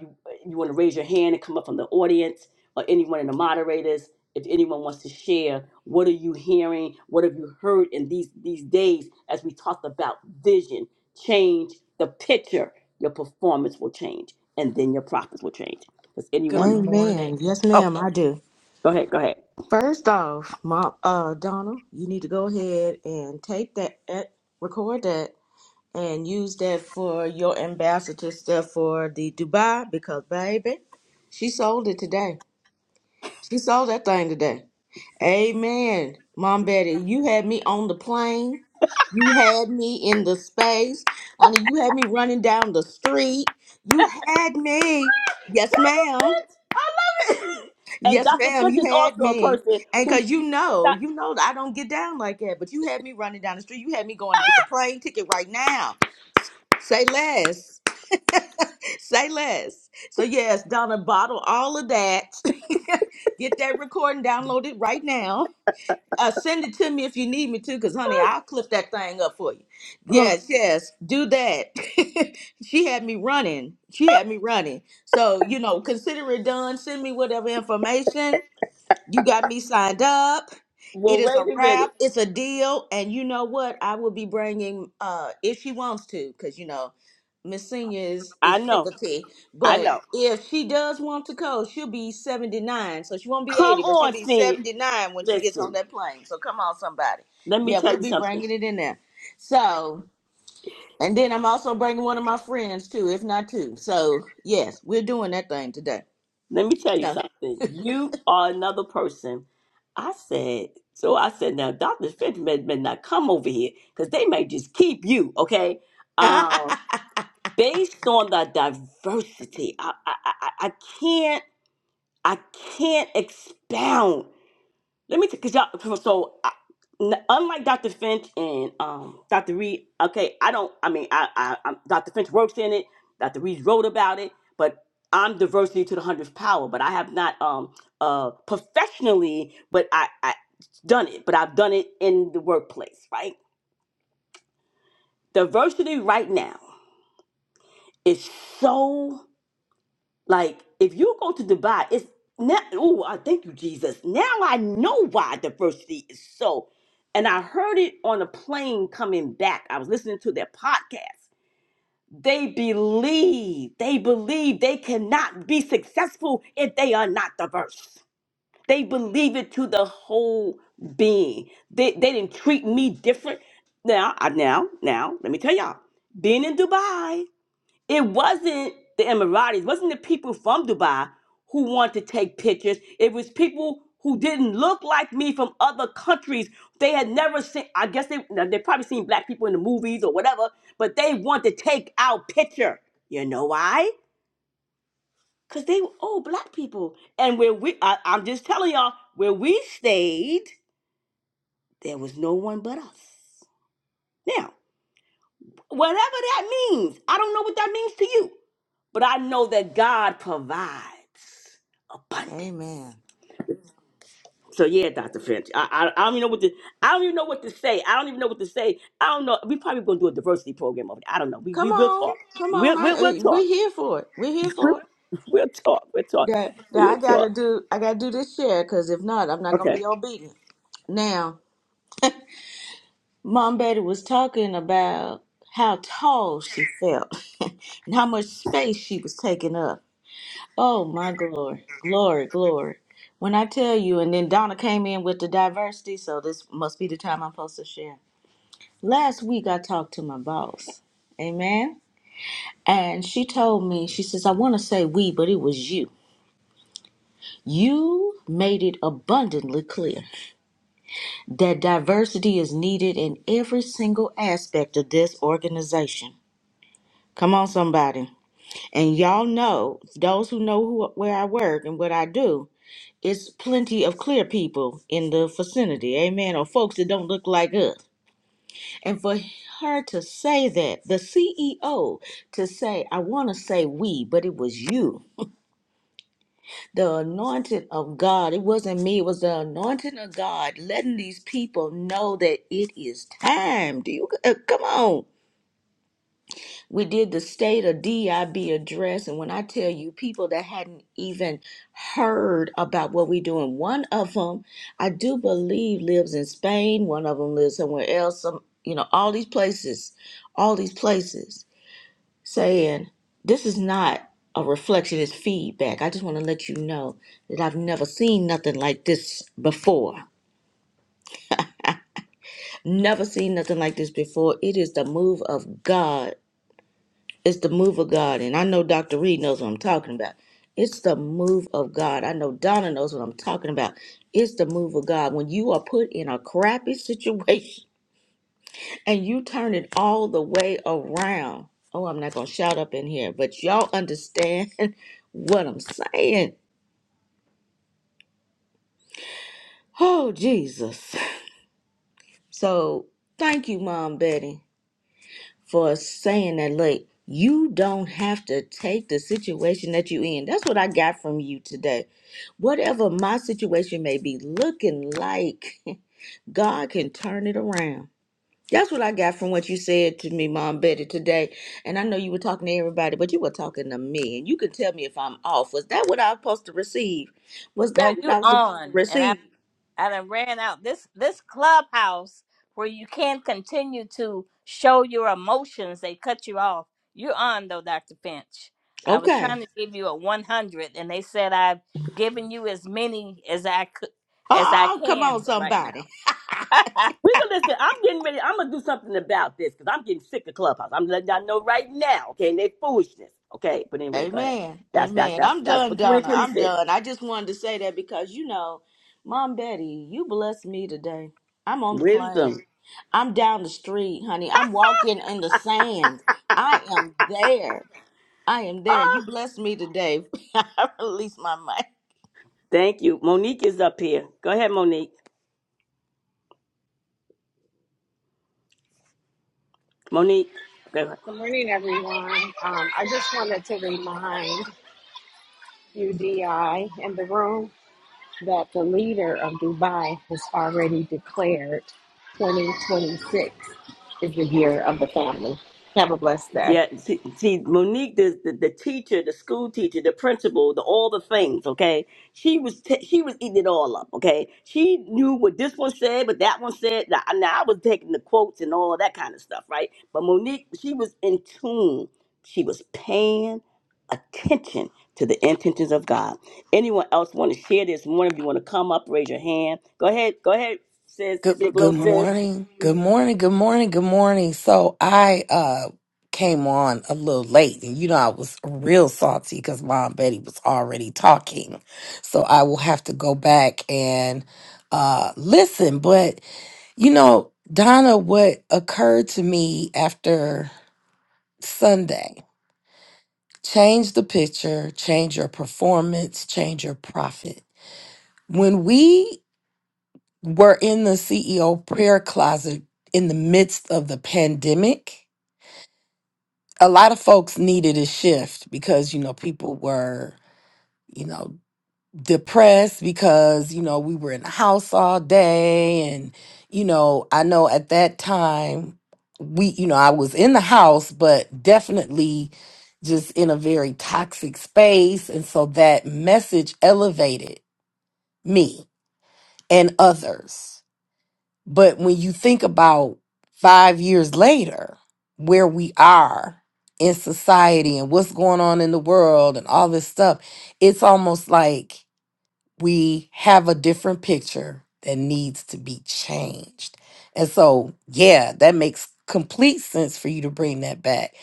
Speaker 1: you want to raise your hand and come up from the audience or anyone in the moderators if anyone wants to share what are you hearing what have you heard in these these days as we talked about vision change the picture your performance will change and then your profits will change does
Speaker 11: Good
Speaker 1: anyone
Speaker 11: morning.
Speaker 4: Amen. Yes,
Speaker 11: Oh,
Speaker 4: ma'am, I do.
Speaker 1: go ahead go ahead
Speaker 4: First off, Mom, uh, Donna, you need to go ahead and tape that, eh, record that, and use that for your ambassador stuff for the Dubai because, baby, she sold it today. She sold that thing today. Amen. Mom Betty, you had me on the plane. You had me in the space. Honey, you had me running down the street. You had me. Yes, ma'am.
Speaker 1: i love it and
Speaker 4: Yes,
Speaker 1: dr
Speaker 4: ma'am,
Speaker 1: finch
Speaker 4: you
Speaker 1: is
Speaker 4: had
Speaker 1: also a
Speaker 4: me.
Speaker 1: person
Speaker 4: And
Speaker 1: who's
Speaker 4: because you know,
Speaker 1: not
Speaker 4: you know that I don't get down like that, but you had me running down the street. You had me going to get the plane ticket right now. Say less. Say less. So, yes, Donna, bottle all of that. get that recording downloaded right now. Uh, send it to me if you need me to, because, honey, I'll clip that thing up for you.
Speaker 1: oh,
Speaker 4: Yes, yes, do that. she had me running. She had me running. So, you know, consider it done. Send me whatever information you got me signed up. It
Speaker 1: well
Speaker 4: is a
Speaker 1: wait a minute
Speaker 4: wrap. It's a deal. And you know what? I will be bringing, uh, if she wants to, because you know, Miss Senior is
Speaker 1: i
Speaker 4: is
Speaker 1: know
Speaker 4: fickle
Speaker 1: i
Speaker 4: But
Speaker 1: know
Speaker 4: if she does want to go, she'll be seventy nine. So she won't be
Speaker 1: come
Speaker 4: eighty, but she'll
Speaker 1: on
Speaker 4: be
Speaker 1: senior
Speaker 4: seventy nine when she gets on
Speaker 1: listen
Speaker 4: that plane. So come on, somebody.
Speaker 1: let me
Speaker 4: Yeah,
Speaker 1: tell
Speaker 4: we'll
Speaker 1: you
Speaker 4: be
Speaker 1: something
Speaker 4: bringing it in there. So, and then I'm also bringing one of my friends too, if not two. So yes, we're doing that thing today.
Speaker 1: Let me tell you
Speaker 4: So,
Speaker 1: something. You are another person. I said, so I said, now Dr. Finch may, may not come over here because they may just keep you, okay? Um, based on the diversity, I, I, I, I I can't, I can't expound. Let me, because y'all, 'cause so so, I- n- unlike Dr. Finch and um, Dr. Reed, okay, I don't, I mean, I, I, i Dr. Finch works in it, Dr. Reed wrote about it, but I'm diversity to the hundredth power, but I have not um, uh, professionally, but I, I done it, but I've done it in the workplace, right? Diversity right now is so Like if you go to Dubai, it's now. Oh, I thank you, Jesus. Now I know why diversity is so. And I heard it on a plane coming back. I was listening to their podcast. They believe, they believe they cannot be successful if they are not diverse. They believe it to the whole being. They, they didn't treat me different. Now, I, now, now, let me tell y'all. Being in Dubai, it wasn't the Emiratis, wasn't the people from Dubai who wanted to take pictures. It was people who didn't look like me from other countries. They had never seen, I guess they, now, they probably seen black people in the movies or whatever, but they want to take our picture. You know why? Because they were all black people. And where we, I, I'm just telling y'all, where we stayed, there was no one but us. Now, whatever that means, I don't know what that means to you. But I know that God provides abundance.
Speaker 4: amen.
Speaker 1: So yeah, Dr. Finch, I, I I don't even know what to I don't even know what to say. I don't even know what to say. I don't know. We probably gonna do a diversity program over there. I don't know. We
Speaker 4: Come
Speaker 1: we will talk.
Speaker 4: on, come
Speaker 1: We'll
Speaker 4: on. I,
Speaker 1: we'll, we'll
Speaker 4: eh, we're
Speaker 1: talk.
Speaker 4: here for it. We're here
Speaker 1: We'll,
Speaker 4: for it.
Speaker 1: we'll talk. We'll talk.
Speaker 4: That that
Speaker 1: We'll
Speaker 4: I gotta
Speaker 1: talk.
Speaker 4: do. I gotta do this share because if not, I'm not gonna
Speaker 1: Okay.
Speaker 4: be obedient. Now, Mom Betty was talking about how tall she felt and how much space she was taking up. Oh my glory, glory, glory. When I tell you, and then Donna came in with the diversity, so this must be the time I'm supposed to share. Last week I talked to my boss. Amen. And she told me, she says, I want to say we, but it was you. You made it abundantly clear that diversity is needed in every single aspect of this organization. Come on, somebody. And y'all know, those who know who, where I work and what I do, it's plenty of clear people in the vicinity, amen, or folks that don't look like us. And for her to say that, the CEO to say, I want to say we, but it was you. the anointing of God. It wasn't me, it was the anointing of God letting these people know that it is time. Do you uh, come on? We did the state of DIB address, and when I tell you people that hadn't even heard about what we're doing, one of them I do believe lives in Spain, one of them lives somewhere else, some you know, all these places, all these places saying this is not a reflection, it's feedback. I just want to let you know that I've never seen nothing like this before. Never seen nothing like this before. It is the move of God. It's the move of God. And I know Dr. Reed knows what I'm talking about. It's the move of God. I know Donna knows what I'm talking about. It's the move of God. When you are put in a crappy situation, and you turn it all the way around. Oh, I'm not gonna shout up in here, but y'all understand what I'm saying. Oh, Jesus. So thank you, Mom Betty, for saying that. Like, you don't have to take the situation that you in. That's what I got from you today. Whatever my situation may be looking like, God can turn it around. That's what I got from what you said to me, Mom Betty, today. And I know you were talking to everybody, but you were talking to me. And you can tell me if I'm off. Was that what I was supposed to receive? Was
Speaker 2: now
Speaker 4: that what
Speaker 2: you
Speaker 4: I was supposed to
Speaker 2: on, and I.
Speaker 4: receive?
Speaker 2: I done ran out this this clubhouse where you can't continue to show your emotions. They cut you off. You're on though, Dr. Finch. I was
Speaker 4: Okay.
Speaker 2: trying to give you a 100, and they said I've given you as many as I could as I
Speaker 4: Oh, come
Speaker 2: can
Speaker 4: on,
Speaker 2: for right now.
Speaker 4: somebody.
Speaker 1: We gonna listen. I'm getting ready. I'm gonna do something about this because I'm getting sick of Clubhouse. I'm letting y'all know right now. Okay, and they foolishness. Okay, but anyway, go ahead.
Speaker 4: Amen.
Speaker 1: That's that's
Speaker 4: Amen.
Speaker 1: that's
Speaker 4: I'm
Speaker 1: that's for
Speaker 4: done, Donna. I'm
Speaker 1: 2026.
Speaker 4: done. I just wanted to say that because, you know, Mom Betty, you blessed me today. I'm on the plane.
Speaker 1: Wisdom.
Speaker 4: I'm down the street, honey. I'm walking in the sand. I am there. I am there.
Speaker 1: Ah,
Speaker 4: You blessed me today. I release my mic.
Speaker 1: Thank you. Monique is up here. Go ahead, Monique. Monique. go ahead.
Speaker 12: Good morning, everyone. Um, I just wanted to remind UDI in the room that the leader of Dubai has already declared 2026 is the year of the family. Have a blessed day.
Speaker 1: Yeah, see, see Monique, the, the the teacher, the school teacher, the principal, the all the things. Okay, she was t- she was eating it all up. Okay, she knew what this one said, but that one said. Now, now I was taking the quotes and all that kind of stuff, right? But Monique, she was in tune. She was paying attention to the intentions of God. Anyone else want to share this morning? If you want to come up, raise your hand. Go ahead. Go ahead, sis.
Speaker 11: good
Speaker 1: Big little
Speaker 11: good
Speaker 1: sis.
Speaker 11: morning. Good morning. Good morning. Good morning. So I uh came on a little late and you know I was real salty because Mom Betty was already talking. So I will have to go back and uh listen. But you know, Donna, what occurred to me after Sunday, change the picture, change your performance, change your profit. When we We're in the CEO prayer closet in the midst of the pandemic. A lot of folks needed a shift because, you know, people were, you know, depressed because, you know, we were in the house all day. And, you know, I know at that time, we, you know, I was in the house, but definitely just in a very toxic space. And so that message elevated me and others. But when you think about five years later, where we are in society and what's going on in the world and all this stuff, it's almost like we have a different picture that needs to be changed. And so, yeah, that makes complete sense for you to bring that back.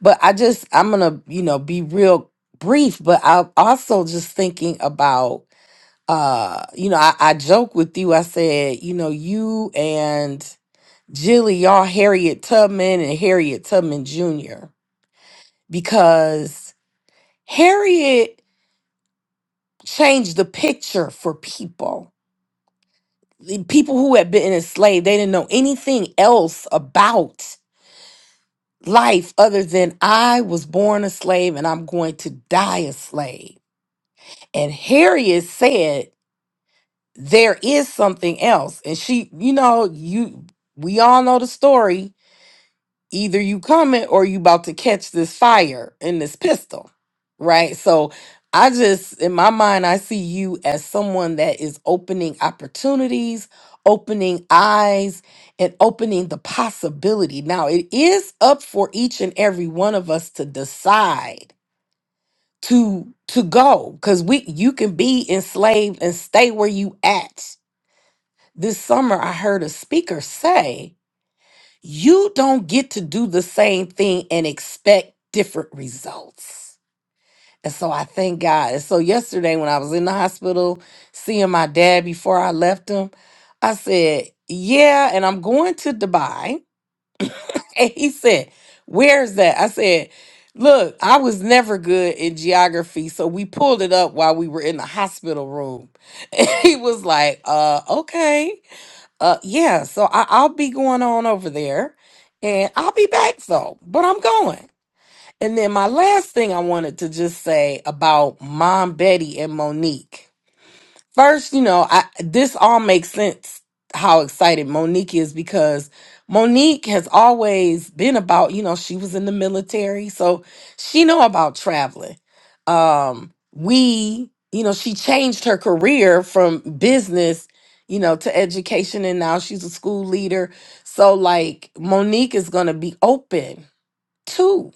Speaker 11: But I just, I'm going to, you know, be real brief, but I'm also just thinking about uh you know I, I joke with you i said you know you and jilly y'all harriet tubman and harriet tubman jr because harriet changed the picture for people The people who had been enslaved they didn't know anything else about life other than i was born a slave and i'm going to die a slave and harriet said there is something else and she you know you we all know the story either you coming or you about to catch this fire in this pistol right so i just in my mind i see you as someone that is opening opportunities opening eyes and opening the possibility now it is up for each and every one of us to decide to to go because we you can be enslaved and stay where you at this summer, I heard a speaker say, You don't get to do the same thing and expect different results. And so I thank God. And so yesterday, when I was in the hospital seeing my dad before I left him, I said, Yeah, and I'm going to Dubai. And he said, Where's that? I said, Look, I was never good in geography, so we pulled it up while we were in the hospital room. And he was like, uh, okay. Uh, yeah, so I, I'll be going on over there and I'll be back though, but I'm going. And then my last thing I wanted to just say about Mom Betty and Monique. First, you know, I this all makes sense how excited Monique is because Monique has always been about, you know, she was in the military, so she know about traveling. Um we, you know, she changed her career from business, you know, to education and now she's a school leader. So like Monique is going to be open to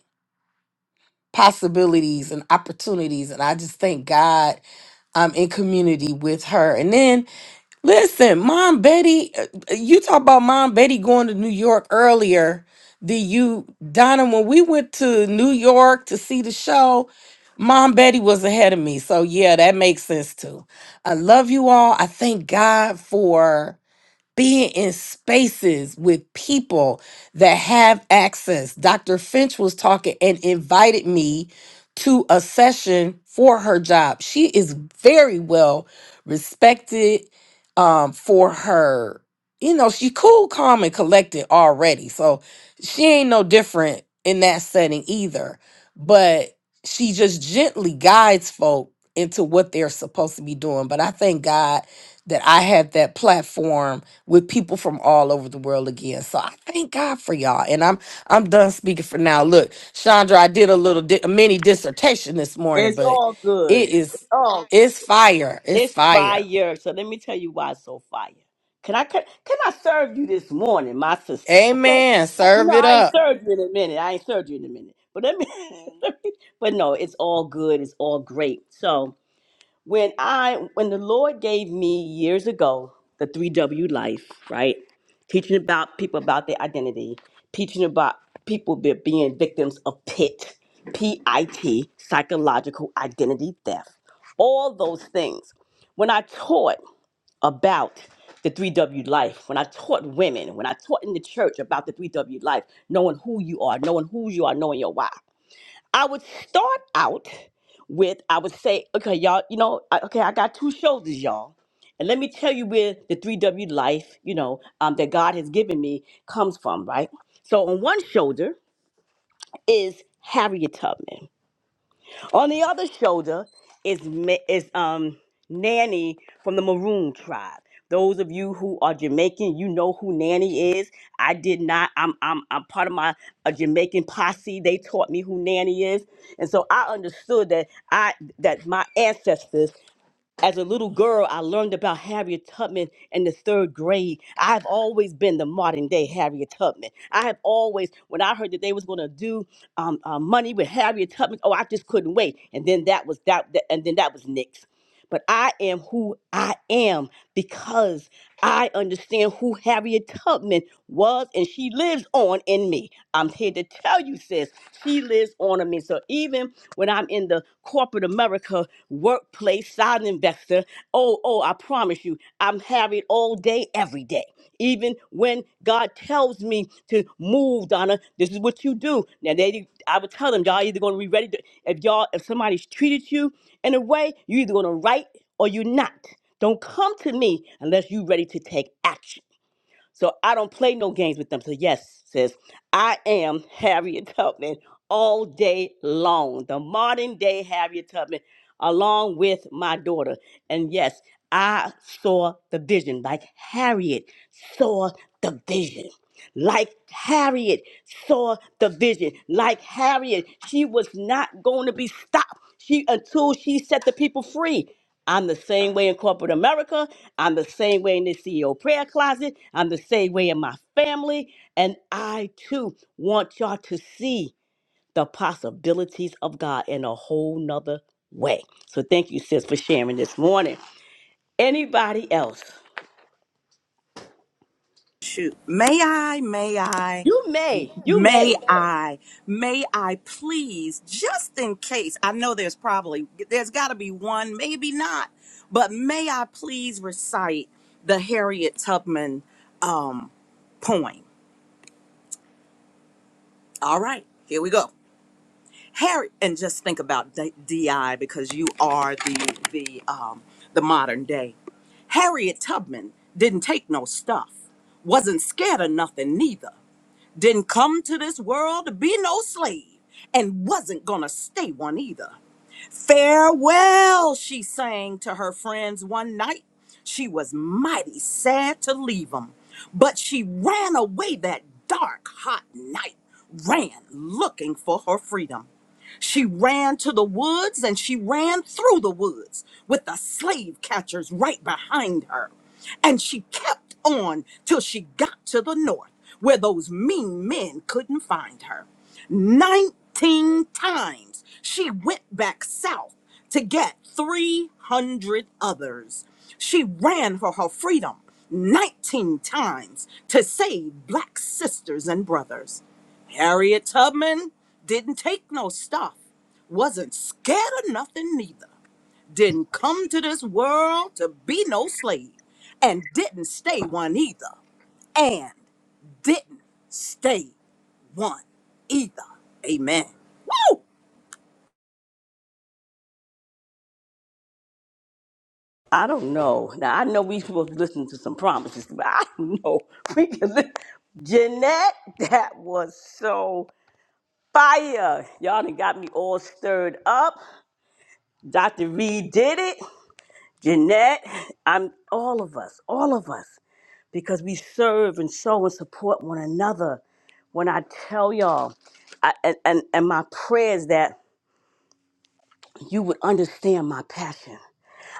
Speaker 11: possibilities and opportunities and I just thank God I'm in community with her. And then Listen, Mom Betty, uh, you talk about Mom Betty going to New York earlier. Did you, Donna, when we went to New York to see the show, Mom Betty was ahead of me. So, yeah, that makes sense too. I love you all. I thank God for being in spaces with people that have access. Dr. Finch was talking and invited me to a session for her job. She is very well respected um, for her. You know, she cool, calm, and collected already. So she ain't no different in that setting either. But she just gently guides folk into what they're supposed to be doing. But I thank God that I have that platform with people from all over the world again. So I thank God for y'all, and I'm I'm done speaking for now. Look, Chandra, I did a little di- a mini dissertation this morning,
Speaker 1: It's
Speaker 11: but
Speaker 1: all
Speaker 11: it
Speaker 1: good.
Speaker 11: is
Speaker 1: It's all
Speaker 11: it's fire, it's
Speaker 1: It's
Speaker 11: fire.
Speaker 1: fire. So let me tell you why it's so fire. Can I can, can I serve you this morning, my sister? Okay.
Speaker 11: Amen.
Speaker 1: You
Speaker 11: Serve
Speaker 1: know
Speaker 11: it
Speaker 1: I ain't
Speaker 11: up.
Speaker 1: served you in a minute. I ain't served you in a minute. But let me, let me but no, it's all good. It's all great. So when I when the Lord gave me years ago the three W life, right? Teaching about people about their identity, teaching about people be, being victims of PIT, P I T, psychological identity theft, all those things. When I taught about the 3W life, when I taught women, when I taught in the church about the 3W life, knowing who you are, knowing who you are, knowing your why. I would start out with I would say, okay, y'all, you know, I- okay, I got two shoulders, y'all. And let me tell you where the 3W life, you know, um, that God has given me comes from, right? So on one shoulder is Harriet Tubman. On the other shoulder is Ma- is um Nanny from the Maroon tribe. Those of you who are Jamaican, you know who Nanny is. I did not. I'm I'm I'm part of my a Jamaican posse. They taught me who Nanny is, and so I understood that I that my ancestors as a little girl, I learned about Harriet Tubman in the third grade. I've always been the modern day Harriet Tubman. I have always, when I heard that they was gonna do um, uh, money with Harriet Tubman, oh, I just couldn't wait. And then that was that, that and then that was Nick's. But I am who I am because I understand who Harriet Tubman was, and she lives on in me. I'm here to tell you, sis, she lives on in me. So even when I'm in the corporate America workplace side investor. Oh, oh, I promise you, I'm harried all day, every day. Even when God tells me to move, Donna, this is what you do. Now, they, I would tell them, y'all either going to be ready to, if y'all, if somebody's treated you in a way, you either going to write or you're not. Don't come to me unless you're ready to take action. So I don't play no games with them. So yes, says I am Harriet Tubman all day long, the modern day Harriet Tubman, along with my daughter. And yes, I saw the vision, like Harriet saw the vision like Harriet saw the vision. Like Harriet, she was not going to be stopped. She until she set the people free. I'm the same way in corporate America. I'm the same way in the CEO prayer closet. I'm the same way in my family. And I too want y'all to see the possibilities of God in a whole nother way. So thank you, sis, for sharing this morning. Anybody else?
Speaker 5: Shoot. May I, may I,
Speaker 1: You may, you may.
Speaker 5: may I, may I please, just in case, I know there's probably, there's got to be one, maybe not, but may I please recite the Harriet Tubman um, poem? All right, here we go. Harriet, and just think about D- DI because you are the, the, um, the modern day. Harriet Tubman didn't take no stuff, wasn't scared of nothing neither. didn't come to this world to be no slave and wasn't gonna stay one either. Farewell, she sang to her friends one night. She was mighty sad to leave 'em, but she ran away that dark, hot night, ran looking for her freedom. She ran to the woods and she ran through the woods with the slave catchers right behind her. And she kept on till she got to the north where those mean men couldn't find her. 19 times she went back south to get 300 others. She ran for her freedom 19 times to save black sisters and brothers. Harriet Tubman didn't take no stuff, wasn't scared of nothing neither, didn't come to this world to be no slave, and didn't stay one either, and didn't stay one either. Amen. Woo!
Speaker 1: I don't know. Now I know we supposed to listen to some promises, but I don't know. We can listen. Jeanette, that was so fire. Y'all done got me all stirred up. Dr. Reed did it. Jeanette, I'm all of us, all of us, because we serve and show and support one another. When I tell y'all, I, and, and and my prayer is that you would understand my passion.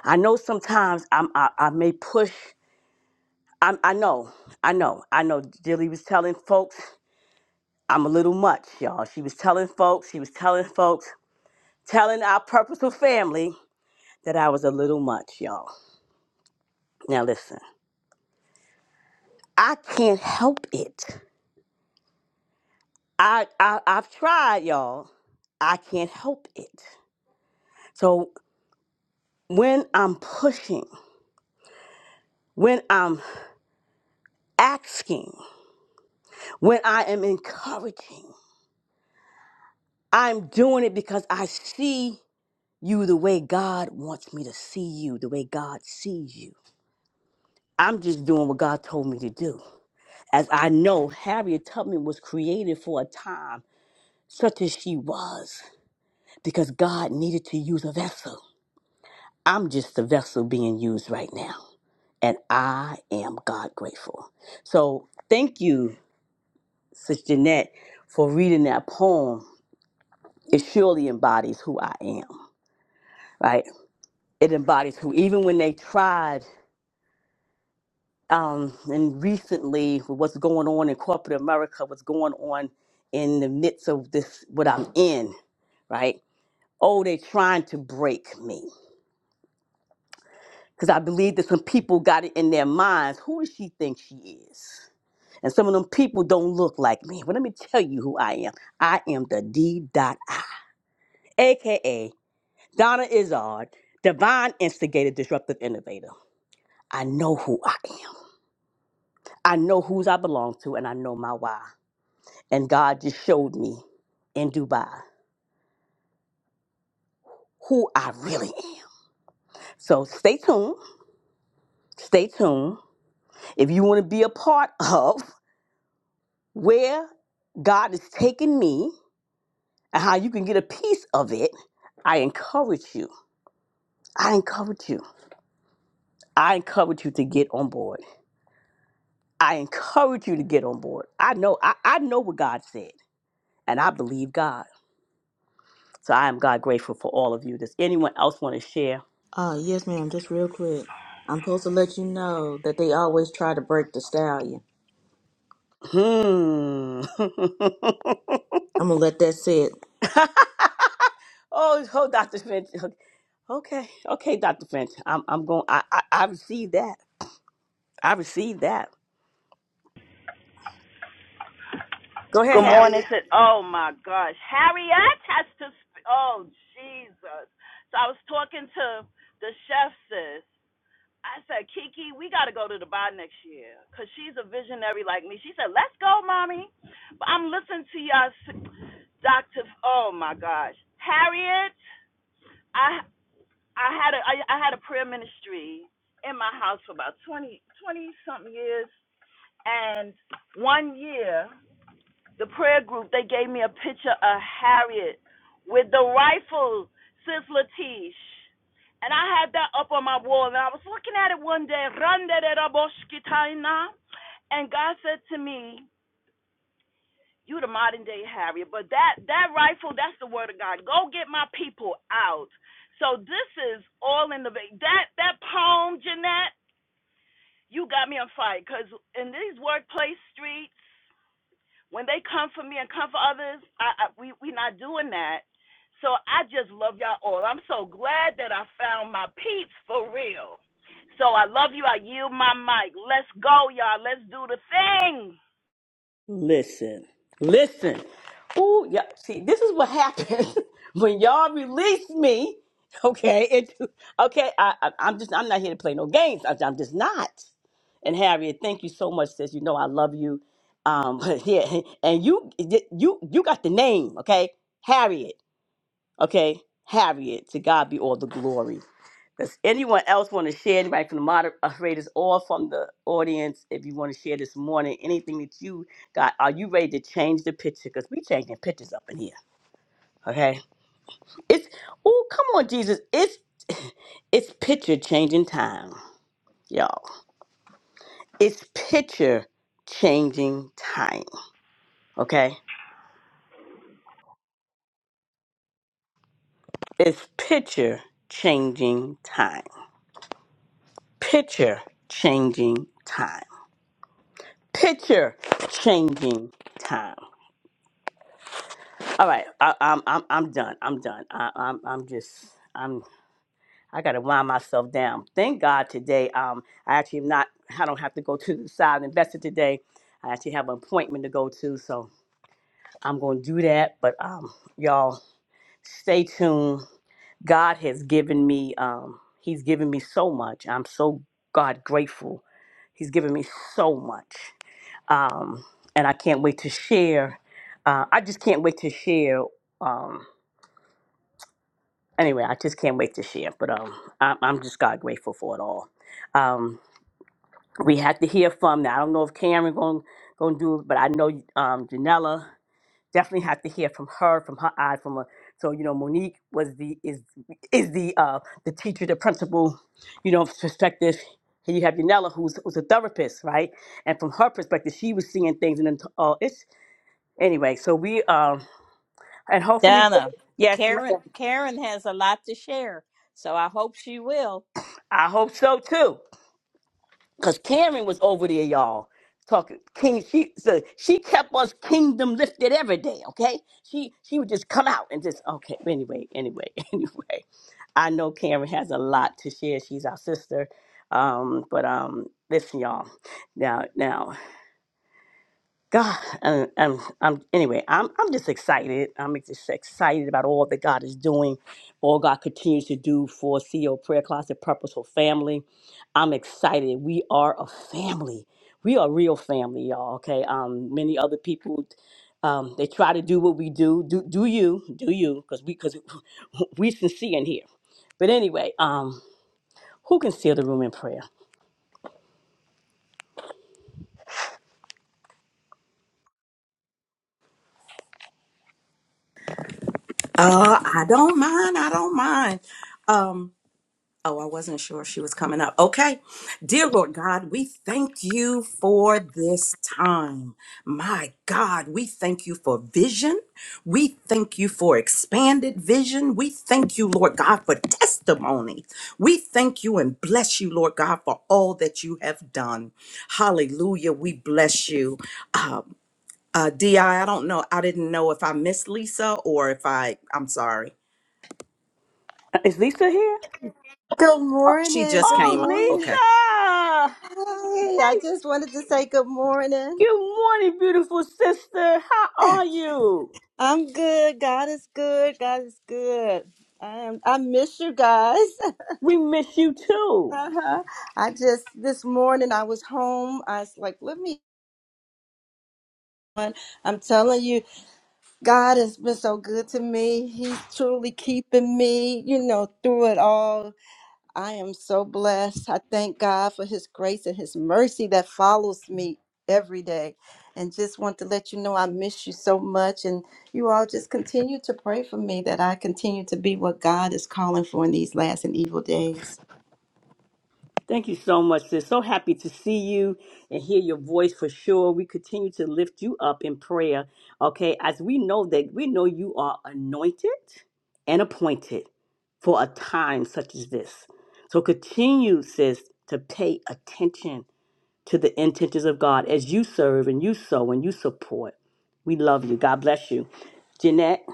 Speaker 1: I know sometimes I'm, I, I may push I, I know, I know, I know. Jilly was telling folks, I'm a little much, y'all. She was telling folks, she was telling folks, telling our purposeful family that I was a little much, y'all. Now listen, I can't help it. I, I I've tried, y'all. I can't help it. So when I'm pushing, when I'm asking, when I am encouraging, I'm doing it because I see. you the way God wants me to see you, the way God sees you. I'm just doing what God told me to do. As I know, Harriet Tubman was created for a time such as she was because God needed to use a vessel. I'm just the vessel being used right now, and I am God grateful. So thank you, Sister Jeanette, for reading that poem. It surely embodies who I am, right? It embodies who, even when they tried um, and recently with what's going on in corporate America, what's going on in the midst of this, what I'm in, right? Oh, they're trying to break me. Because I believe that some people got it in their minds. Who does she think she is? And some of them people don't look like me. But let me tell you who I am. I am the D dot I, aka Donna Izzard, divine instigator, disruptive innovator. I know who I am. I know whose I belong to, and I know my why. And God just showed me in Dubai who I really am. So stay tuned. Stay tuned. If you want to be a part of where God is taking me and how you can get a piece of it, I encourage you. I encourage you. I encourage you to get on board. I encourage you to get on board. I know I, I know what God said, and I believe God. So I am God grateful for all of you. Does anyone else want to share?
Speaker 4: Uh, yes, ma'am. Just real quick. I'm supposed to let you know that they always try to break the stallion.
Speaker 1: Hmm.
Speaker 4: I'm going to let that sit.
Speaker 1: Oh, oh, Dr. Finch. Okay, okay, Dr. Finch. I'm, I'm going. I, I, I received that. I received that. Go ahead,
Speaker 6: Good morning
Speaker 1: Harriet.
Speaker 6: to oh my gosh, Harriet has to. sp- Oh Jesus! So I was talking to the chef sis, I said, Kiki, we got to go to Dubai next year 'cause she's a visionary like me. She said, let's go, mommy. But I'm listening to y'all, s- Dr. F- Oh, my gosh. Harriet, I I had a, I, I had a prayer ministry in my house for about twenty twenty 20 something years. And one year, the prayer group, they gave me a picture of Harriet with the rifle, Sis Latish. And I had that up on my wall, and I was looking at it one day. And God said to me, You the modern day Harriet, but that, that rifle, that's the word of God. Go get my people out. So this is all in the That, that poem, Jeanette, you got me on fire. Because in these workplace streets, when they come for me and come for others, I, I we we not doing that. So I just love y'all all. I'm so glad that I found my peeps for real. So I love you. I yield my mic. Let's go, y'all. Let's do the thing.
Speaker 1: Listen, listen. Ooh, yeah. See, this is what happens when y'all release me. Okay, it, okay. I, I, I'm just. I'm not here to play no games. I, I'm just not. And Harriet, thank you so much, sis. You know I love you. Um, yeah, and you, you, you got the name. Okay, Harriet. Okay, Harriet, to God be all the glory. Does anyone else want to share? Anybody from the moderators or from the audience, if you want to share this morning, anything that you got? Are you ready to change the picture? Because we changing pictures up in here. Okay. It's oh, come on, Jesus. It's it's picture changing time, y'all. It's picture changing time. Okay. It's picture changing time. Picture changing time. picture changing time. All right, I, I'm I'm I'm done. I'm done. I, I'm I'm just I'm I gotta wind myself down. Thank God today. Um, I actually am not. I don't have to go to the side investor today. I actually have an appointment to go to, so I'm gonna do that. But um, y'all stay tuned. God has given me. Um, he's given me so much. I'm so God grateful. He's given me so much. um, and I can't wait to share. Uh, I just can't wait to share. Um, anyway, I just can't wait to share. But um, I'm, I'm just God grateful for it all. Um, we had to hear from. Now I don't know if Karen going going to do it, but I know um, Janella definitely had to hear from her, from her eye, from her. So you know, Monique was the is is the uh, the teacher, the principal, you know, perspective. Here you have Janella, who's who's a therapist, right? And from her perspective, she was seeing things, and then t- uh, it's Anyway, so we um and hopefully
Speaker 2: Donna,
Speaker 1: yes,
Speaker 2: Karen,
Speaker 1: ma'am.
Speaker 2: Karen has a lot to share, so I hope she will.
Speaker 1: I hope so too. Cause Karen was over there, y'all. Talking king, she so she kept us kingdom lifted every day. Okay, she she would just come out and just okay. Anyway, anyway, anyway. I know Karen has a lot to share. She's our sister, um, but um, listen, y'all. Now, now. God, and and I'm, anyway, I'm, I'm just excited. I'm just excited about all that God is doing, all God continues to do for CO Prayer Closet Purposeful Family. I'm excited. We are a family. We are real family, y'all. Okay. Um, many other people, um, they try to do what we do. Do do you? Do you? Because we because we sincere in here. But anyway, um, who can seal the room in prayer?
Speaker 5: Uh, I don't mind. I don't mind. Um. Oh, I wasn't sure if she was coming up. Okay. Dear Lord God, we thank you for this time. My God, we thank you for vision. We thank you for expanded vision. We thank you, Lord God, for testimony. We thank you and bless you, Lord God, for all that you have done. Hallelujah. We bless you. Uh, uh, Di, I don't know. I didn't know if I missed Lisa or if I, I'm sorry.
Speaker 1: Uh, Is Lisa here?
Speaker 13: Good
Speaker 1: Oh,
Speaker 5: She
Speaker 13: morning.
Speaker 5: just
Speaker 13: Good
Speaker 5: came up.
Speaker 13: morning.
Speaker 5: Okay.
Speaker 1: oh, Lisa!
Speaker 13: Hey, I
Speaker 1: Hey,
Speaker 13: just wanted to say good morning.
Speaker 1: Good morning, beautiful sister. How are you?
Speaker 13: I'm good. God is good. God is good. I am. I miss you guys.
Speaker 1: We miss you too.
Speaker 13: Uh-huh. I just this morning I was home. I was like, let me. I'm telling you, God has been so good to me. He's truly keeping me, you know, through it all I am so blessed. I thank God for His grace and His mercy that follows me every day. And just want to let you know I miss you so much. And you all just continue to pray for me that I continue to be what God is calling for in these last and evil days.
Speaker 1: Thank you so much, sis. So happy to see you and hear your voice for sure. We continue to lift you up in prayer, okay? As we know that we know you are anointed and appointed for a time such as this. So continue, sis, to pay attention to the intentions of God as you serve and you sow and you support. We love you. God bless you. Jeanette.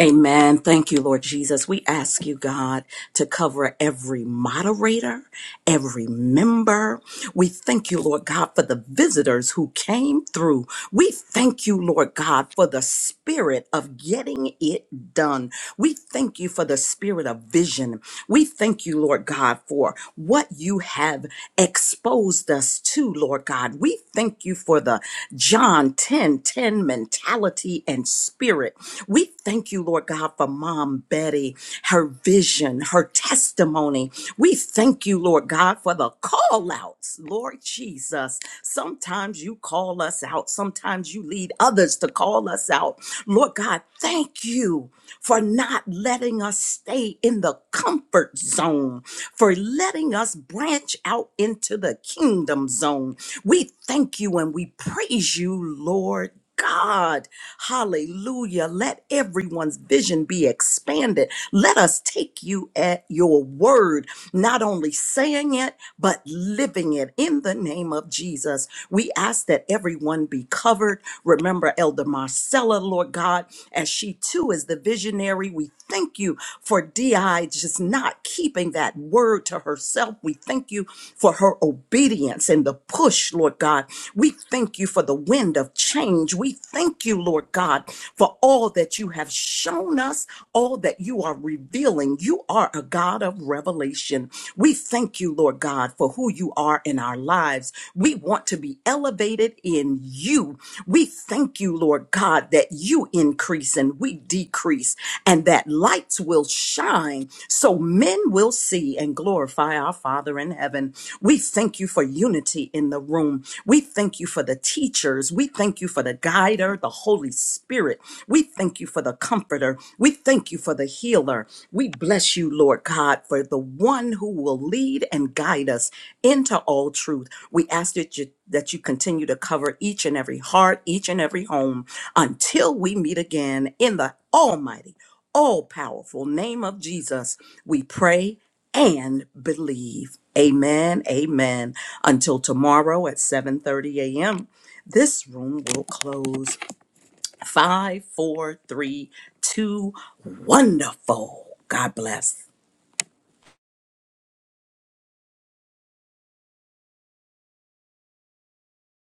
Speaker 5: Amen. Thank you, Lord Jesus. We ask you, God, to cover every moderator, every member. We thank you, Lord God, for the visitors who came through. We thank you, Lord God, for the spirit of getting it done. We thank you for the spirit of vision. We thank you, Lord God, for what you have exposed us to, Lord God. We thank you for the John 10 10 mentality and spirit. We Thank you, Lord God, for Mom Betty, her vision, her testimony. We thank you, Lord God, for the call outs, Lord Jesus. Sometimes you call us out, sometimes you lead others to call us out. Lord God, thank you for not letting us stay in the comfort zone, for letting us branch out into the kingdom zone. We thank you and we praise you, Lord God. Hallelujah. Let everyone's vision be expanded. Let us take you at your word, not only saying it, but living it in the name of Jesus. We ask that everyone be covered. Remember Elder Marcella, Lord God, as she too is the visionary. We thank you for DI just not keeping that word to herself. We thank you for her obedience in the the push, Lord God. We thank you for the wind of change. We thank you, Lord God, for all that you have shown us, all that you are revealing. You are a God of revelation. We thank you, Lord God, for who you are in our lives. We want to be elevated in you. We thank you, Lord God, that you increase and we decrease, and that lights will shine so men will see worthy and glorify our Father in heaven. We thank you for unity in the room. We thank you for the teachers. We thank you for the guider, the Holy Spirit. We thank you for the comforter. We thank you for the healer. We bless you, Lord God, for the one who will lead and guide us into all truth. We ask that you that you continue to cover each and every heart, each and every home until we meet again in the almighty all powerful name of Jesus. We pray and believe. Amen. Amen. Until tomorrow at 7:30 a.m. This room will close. Five, four, three, two. Wonderful. God bless.